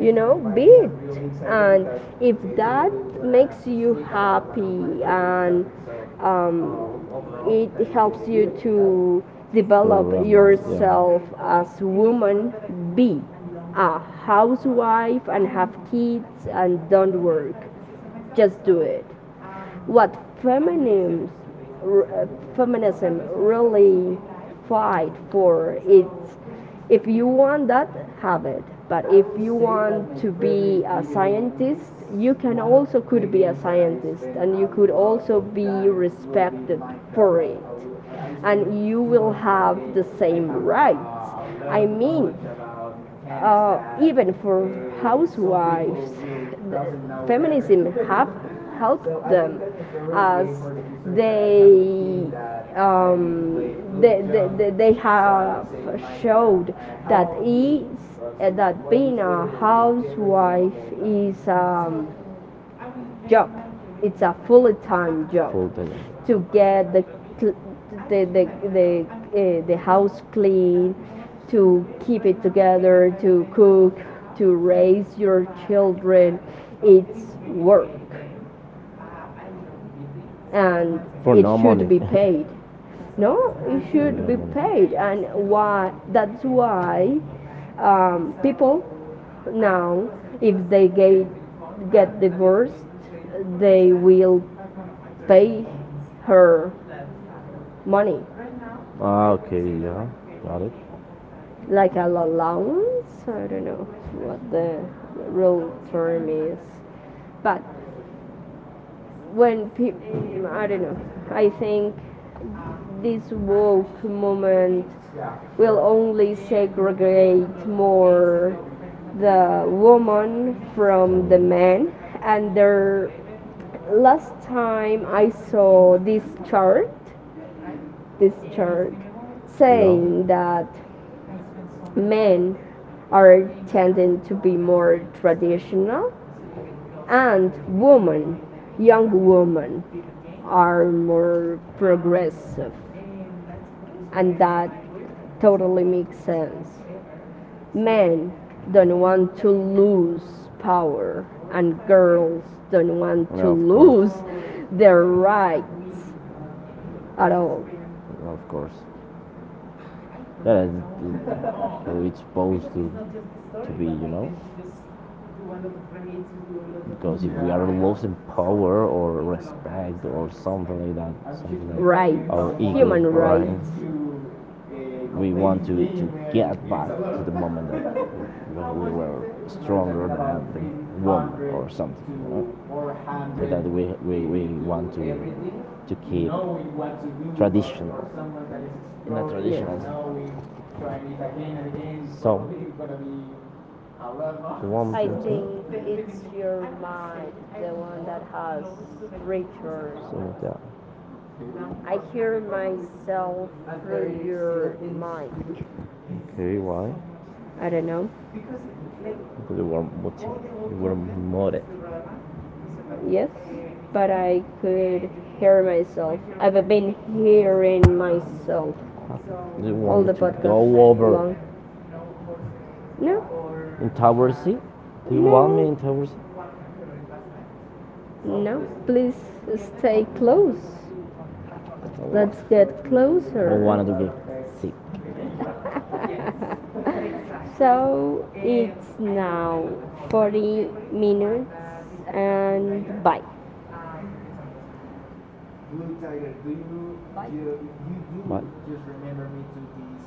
[SPEAKER 1] You know,
[SPEAKER 2] know
[SPEAKER 1] be
[SPEAKER 2] Be
[SPEAKER 1] it.
[SPEAKER 2] it,
[SPEAKER 1] And
[SPEAKER 2] and
[SPEAKER 1] if
[SPEAKER 2] if that
[SPEAKER 1] that makes
[SPEAKER 2] makes you
[SPEAKER 1] you happy
[SPEAKER 2] happy and
[SPEAKER 1] and
[SPEAKER 2] um,
[SPEAKER 1] it
[SPEAKER 2] it helps
[SPEAKER 1] helps you
[SPEAKER 2] you to
[SPEAKER 1] to develop
[SPEAKER 2] develop
[SPEAKER 1] Programa, yeah. yourself
[SPEAKER 2] yourself
[SPEAKER 1] as
[SPEAKER 2] as
[SPEAKER 1] woman,
[SPEAKER 2] woman,
[SPEAKER 1] be
[SPEAKER 2] be a
[SPEAKER 1] a housewife
[SPEAKER 2] housewife and
[SPEAKER 1] and have
[SPEAKER 2] have kids
[SPEAKER 1] kids and
[SPEAKER 2] and
[SPEAKER 1] don't
[SPEAKER 2] don't
[SPEAKER 1] work.
[SPEAKER 2] work, just
[SPEAKER 1] Just do
[SPEAKER 2] do
[SPEAKER 1] it
[SPEAKER 2] it.
[SPEAKER 1] what
[SPEAKER 2] What
[SPEAKER 1] feminism,
[SPEAKER 2] feminism, uh,
[SPEAKER 1] feminism
[SPEAKER 2] feminism really
[SPEAKER 1] really fight
[SPEAKER 2] fight
[SPEAKER 1] for
[SPEAKER 2] for
[SPEAKER 1] is
[SPEAKER 2] it's, if
[SPEAKER 1] if you
[SPEAKER 2] you want
[SPEAKER 1] want that,
[SPEAKER 2] that,
[SPEAKER 1] have
[SPEAKER 2] have
[SPEAKER 1] it.
[SPEAKER 2] it.
[SPEAKER 1] But
[SPEAKER 2] But
[SPEAKER 1] if
[SPEAKER 2] if
[SPEAKER 1] you
[SPEAKER 2] you want
[SPEAKER 1] want to
[SPEAKER 2] to
[SPEAKER 1] be
[SPEAKER 2] be a
[SPEAKER 1] a scientist,
[SPEAKER 2] scientist,
[SPEAKER 1] you
[SPEAKER 2] you
[SPEAKER 1] can
[SPEAKER 2] can
[SPEAKER 1] also
[SPEAKER 2] also could
[SPEAKER 1] could be
[SPEAKER 2] be
[SPEAKER 1] a
[SPEAKER 2] a
[SPEAKER 1] scientist
[SPEAKER 2] scientist
[SPEAKER 1] and
[SPEAKER 2] and you
[SPEAKER 1] you could
[SPEAKER 2] could
[SPEAKER 1] also
[SPEAKER 2] also
[SPEAKER 1] be
[SPEAKER 2] be respected
[SPEAKER 1] respected
[SPEAKER 2] for
[SPEAKER 1] for
[SPEAKER 2] it,
[SPEAKER 1] it.
[SPEAKER 2] and
[SPEAKER 1] And you
[SPEAKER 2] you will
[SPEAKER 1] will have
[SPEAKER 2] have
[SPEAKER 1] the
[SPEAKER 2] the
[SPEAKER 1] same
[SPEAKER 2] same
[SPEAKER 1] right
[SPEAKER 2] rights.
[SPEAKER 1] products.
[SPEAKER 2] I
[SPEAKER 1] I mean,
[SPEAKER 2] mean,
[SPEAKER 1] even
[SPEAKER 2] even
[SPEAKER 1] for
[SPEAKER 2] for
[SPEAKER 1] housewives,
[SPEAKER 2] housewives, feminism
[SPEAKER 1] feminism have
[SPEAKER 2] have
[SPEAKER 1] helped help
[SPEAKER 2] helped
[SPEAKER 1] so
[SPEAKER 2] them
[SPEAKER 1] them
[SPEAKER 2] as
[SPEAKER 1] as they,
[SPEAKER 2] they um,
[SPEAKER 1] they,
[SPEAKER 2] they, they,
[SPEAKER 1] they,
[SPEAKER 2] they-
[SPEAKER 1] they
[SPEAKER 2] they
[SPEAKER 1] have
[SPEAKER 2] have
[SPEAKER 1] so showed
[SPEAKER 2] showed that
[SPEAKER 1] that
[SPEAKER 2] is
[SPEAKER 1] it's,
[SPEAKER 2] that
[SPEAKER 1] that being
[SPEAKER 2] being a
[SPEAKER 1] a housewife
[SPEAKER 2] housewife
[SPEAKER 1] is
[SPEAKER 2] is
[SPEAKER 1] job.
[SPEAKER 2] job. It's
[SPEAKER 1] It's a
[SPEAKER 2] a
[SPEAKER 1] full-time
[SPEAKER 2] full-time
[SPEAKER 1] job
[SPEAKER 2] job
[SPEAKER 1] full-time job.
[SPEAKER 2] to
[SPEAKER 1] To
[SPEAKER 2] get
[SPEAKER 1] get the to,
[SPEAKER 2] the
[SPEAKER 1] the,
[SPEAKER 2] the
[SPEAKER 1] the,
[SPEAKER 2] the, the
[SPEAKER 1] the house
[SPEAKER 2] house clean,
[SPEAKER 1] clean, to
[SPEAKER 2] to keep
[SPEAKER 1] keep
[SPEAKER 2] it
[SPEAKER 1] it together,
[SPEAKER 2] together,
[SPEAKER 1] to
[SPEAKER 2] to cook,
[SPEAKER 1] cook, to
[SPEAKER 2] to
[SPEAKER 1] raise
[SPEAKER 2] raise
[SPEAKER 1] your
[SPEAKER 2] your
[SPEAKER 1] children.
[SPEAKER 2] children.
[SPEAKER 1] It's
[SPEAKER 2] It's
[SPEAKER 1] work,
[SPEAKER 2] work,
[SPEAKER 1] and
[SPEAKER 2] and
[SPEAKER 1] For
[SPEAKER 2] it
[SPEAKER 1] no money.
[SPEAKER 2] should
[SPEAKER 1] It no
[SPEAKER 2] be
[SPEAKER 1] should be paid.
[SPEAKER 2] paid.
[SPEAKER 1] No,
[SPEAKER 2] No, it
[SPEAKER 1] it should
[SPEAKER 2] should
[SPEAKER 1] no
[SPEAKER 2] be
[SPEAKER 1] be
[SPEAKER 2] paid,
[SPEAKER 1] paid, and
[SPEAKER 2] and
[SPEAKER 1] why?
[SPEAKER 2] why?
[SPEAKER 1] That's
[SPEAKER 2] That's
[SPEAKER 1] why
[SPEAKER 2] why
[SPEAKER 1] people
[SPEAKER 2] people
[SPEAKER 1] now,
[SPEAKER 2] now,
[SPEAKER 1] if
[SPEAKER 2] if
[SPEAKER 1] they
[SPEAKER 2] they
[SPEAKER 1] get
[SPEAKER 2] get
[SPEAKER 1] get divorced,
[SPEAKER 2] divorced,
[SPEAKER 1] they
[SPEAKER 2] they will
[SPEAKER 1] pay
[SPEAKER 2] pay
[SPEAKER 1] her
[SPEAKER 2] her
[SPEAKER 1] money,
[SPEAKER 2] money,
[SPEAKER 1] ah, okay, yeah, got it. Like
[SPEAKER 2] like
[SPEAKER 1] a
[SPEAKER 2] an
[SPEAKER 1] allowance.
[SPEAKER 2] allowance.
[SPEAKER 1] I
[SPEAKER 2] I don't
[SPEAKER 1] don't know
[SPEAKER 2] know what
[SPEAKER 1] what
[SPEAKER 2] the
[SPEAKER 1] the real
[SPEAKER 2] real term
[SPEAKER 1] term is,
[SPEAKER 2] is.
[SPEAKER 1] but
[SPEAKER 2] But
[SPEAKER 1] when
[SPEAKER 2] when people, I don't know,
[SPEAKER 1] don't- I
[SPEAKER 2] I
[SPEAKER 1] think
[SPEAKER 2] think
[SPEAKER 1] this
[SPEAKER 2] this woke movement
[SPEAKER 1] movement
[SPEAKER 2] will
[SPEAKER 1] will
[SPEAKER 2] only
[SPEAKER 1] only segregate
[SPEAKER 2] segregate more
[SPEAKER 1] more the
[SPEAKER 2] the
[SPEAKER 1] woman
[SPEAKER 2] woman
[SPEAKER 1] from
[SPEAKER 2] from the
[SPEAKER 1] the man.
[SPEAKER 2] man.
[SPEAKER 1] And
[SPEAKER 2] And
[SPEAKER 1] their
[SPEAKER 2] their
[SPEAKER 1] last
[SPEAKER 2] last
[SPEAKER 1] time
[SPEAKER 2] time I
[SPEAKER 1] I saw
[SPEAKER 2] saw
[SPEAKER 1] this
[SPEAKER 2] this
[SPEAKER 1] chart
[SPEAKER 2] chart,
[SPEAKER 1] this
[SPEAKER 2] this
[SPEAKER 1] church
[SPEAKER 2] chart
[SPEAKER 1] saying no.
[SPEAKER 2] saying
[SPEAKER 1] That
[SPEAKER 2] that
[SPEAKER 1] men
[SPEAKER 2] men
[SPEAKER 1] are
[SPEAKER 2] are
[SPEAKER 1] tending
[SPEAKER 2] tending
[SPEAKER 1] to
[SPEAKER 2] to
[SPEAKER 1] be
[SPEAKER 2] be
[SPEAKER 1] more
[SPEAKER 2] more
[SPEAKER 1] traditional
[SPEAKER 2] traditional
[SPEAKER 1] and
[SPEAKER 2] and
[SPEAKER 1] women,
[SPEAKER 2] women
[SPEAKER 1] young
[SPEAKER 2] young
[SPEAKER 1] women,
[SPEAKER 2] women
[SPEAKER 1] are
[SPEAKER 2] are
[SPEAKER 1] more
[SPEAKER 2] more
[SPEAKER 1] progressive
[SPEAKER 2] progressive,
[SPEAKER 1] and
[SPEAKER 2] and that
[SPEAKER 1] that totally
[SPEAKER 2] totally makes
[SPEAKER 1] makes sense.
[SPEAKER 2] sense.
[SPEAKER 1] Men
[SPEAKER 2] Men don't
[SPEAKER 1] don't
[SPEAKER 2] want
[SPEAKER 1] want to
[SPEAKER 2] to
[SPEAKER 1] lose
[SPEAKER 2] lose
[SPEAKER 1] power
[SPEAKER 2] power,
[SPEAKER 1] and
[SPEAKER 2] and
[SPEAKER 1] girls
[SPEAKER 2] girls
[SPEAKER 1] don't
[SPEAKER 2] don't
[SPEAKER 1] want to
[SPEAKER 2] want to
[SPEAKER 1] No, of course.
[SPEAKER 2] lose
[SPEAKER 1] Lose their
[SPEAKER 2] their
[SPEAKER 1] rights
[SPEAKER 2] rights
[SPEAKER 1] at
[SPEAKER 2] at
[SPEAKER 1] all.
[SPEAKER 2] all.
[SPEAKER 1] Of course. Yeah, that's how it's supposed to be, you know because if we are losing power or respect or something like that, something like Right.
[SPEAKER 2] Rights.
[SPEAKER 1] our ego,
[SPEAKER 2] Human
[SPEAKER 1] Human right?
[SPEAKER 2] rights.
[SPEAKER 1] We want to get back to the moment that when we were stronger than the woman or something, you know? So that we, we want to keep traditional in a
[SPEAKER 2] Yes.
[SPEAKER 1] traditional. So the one I think it's your mind, the one that has rituals. Something like I hear myself through your mind. Okay, why?
[SPEAKER 2] I don't know.
[SPEAKER 1] Because you were motive, you were motive. Yes,
[SPEAKER 2] Yes, but
[SPEAKER 1] but I
[SPEAKER 2] I
[SPEAKER 1] could
[SPEAKER 2] could hear
[SPEAKER 1] hear myself.
[SPEAKER 2] myself.
[SPEAKER 1] I've
[SPEAKER 2] I've
[SPEAKER 1] been
[SPEAKER 2] been hearing
[SPEAKER 1] hearing myself.
[SPEAKER 2] myself
[SPEAKER 1] Do you
[SPEAKER 2] all the
[SPEAKER 1] want to go
[SPEAKER 2] podcast
[SPEAKER 1] over
[SPEAKER 2] long. No,
[SPEAKER 1] in Tower C? Do you want me
[SPEAKER 2] no,
[SPEAKER 1] in Tower C?
[SPEAKER 2] no. Please stay close.
[SPEAKER 1] That's all I want.
[SPEAKER 2] Let's get
[SPEAKER 1] I don't
[SPEAKER 2] closer.
[SPEAKER 1] want to be sick. So
[SPEAKER 2] So
[SPEAKER 1] it's
[SPEAKER 2] it's
[SPEAKER 1] now
[SPEAKER 2] now
[SPEAKER 1] 40
[SPEAKER 2] 40 minutes and bye.
[SPEAKER 1] Blue Tiger, do you, you do Bye. Just remember me to these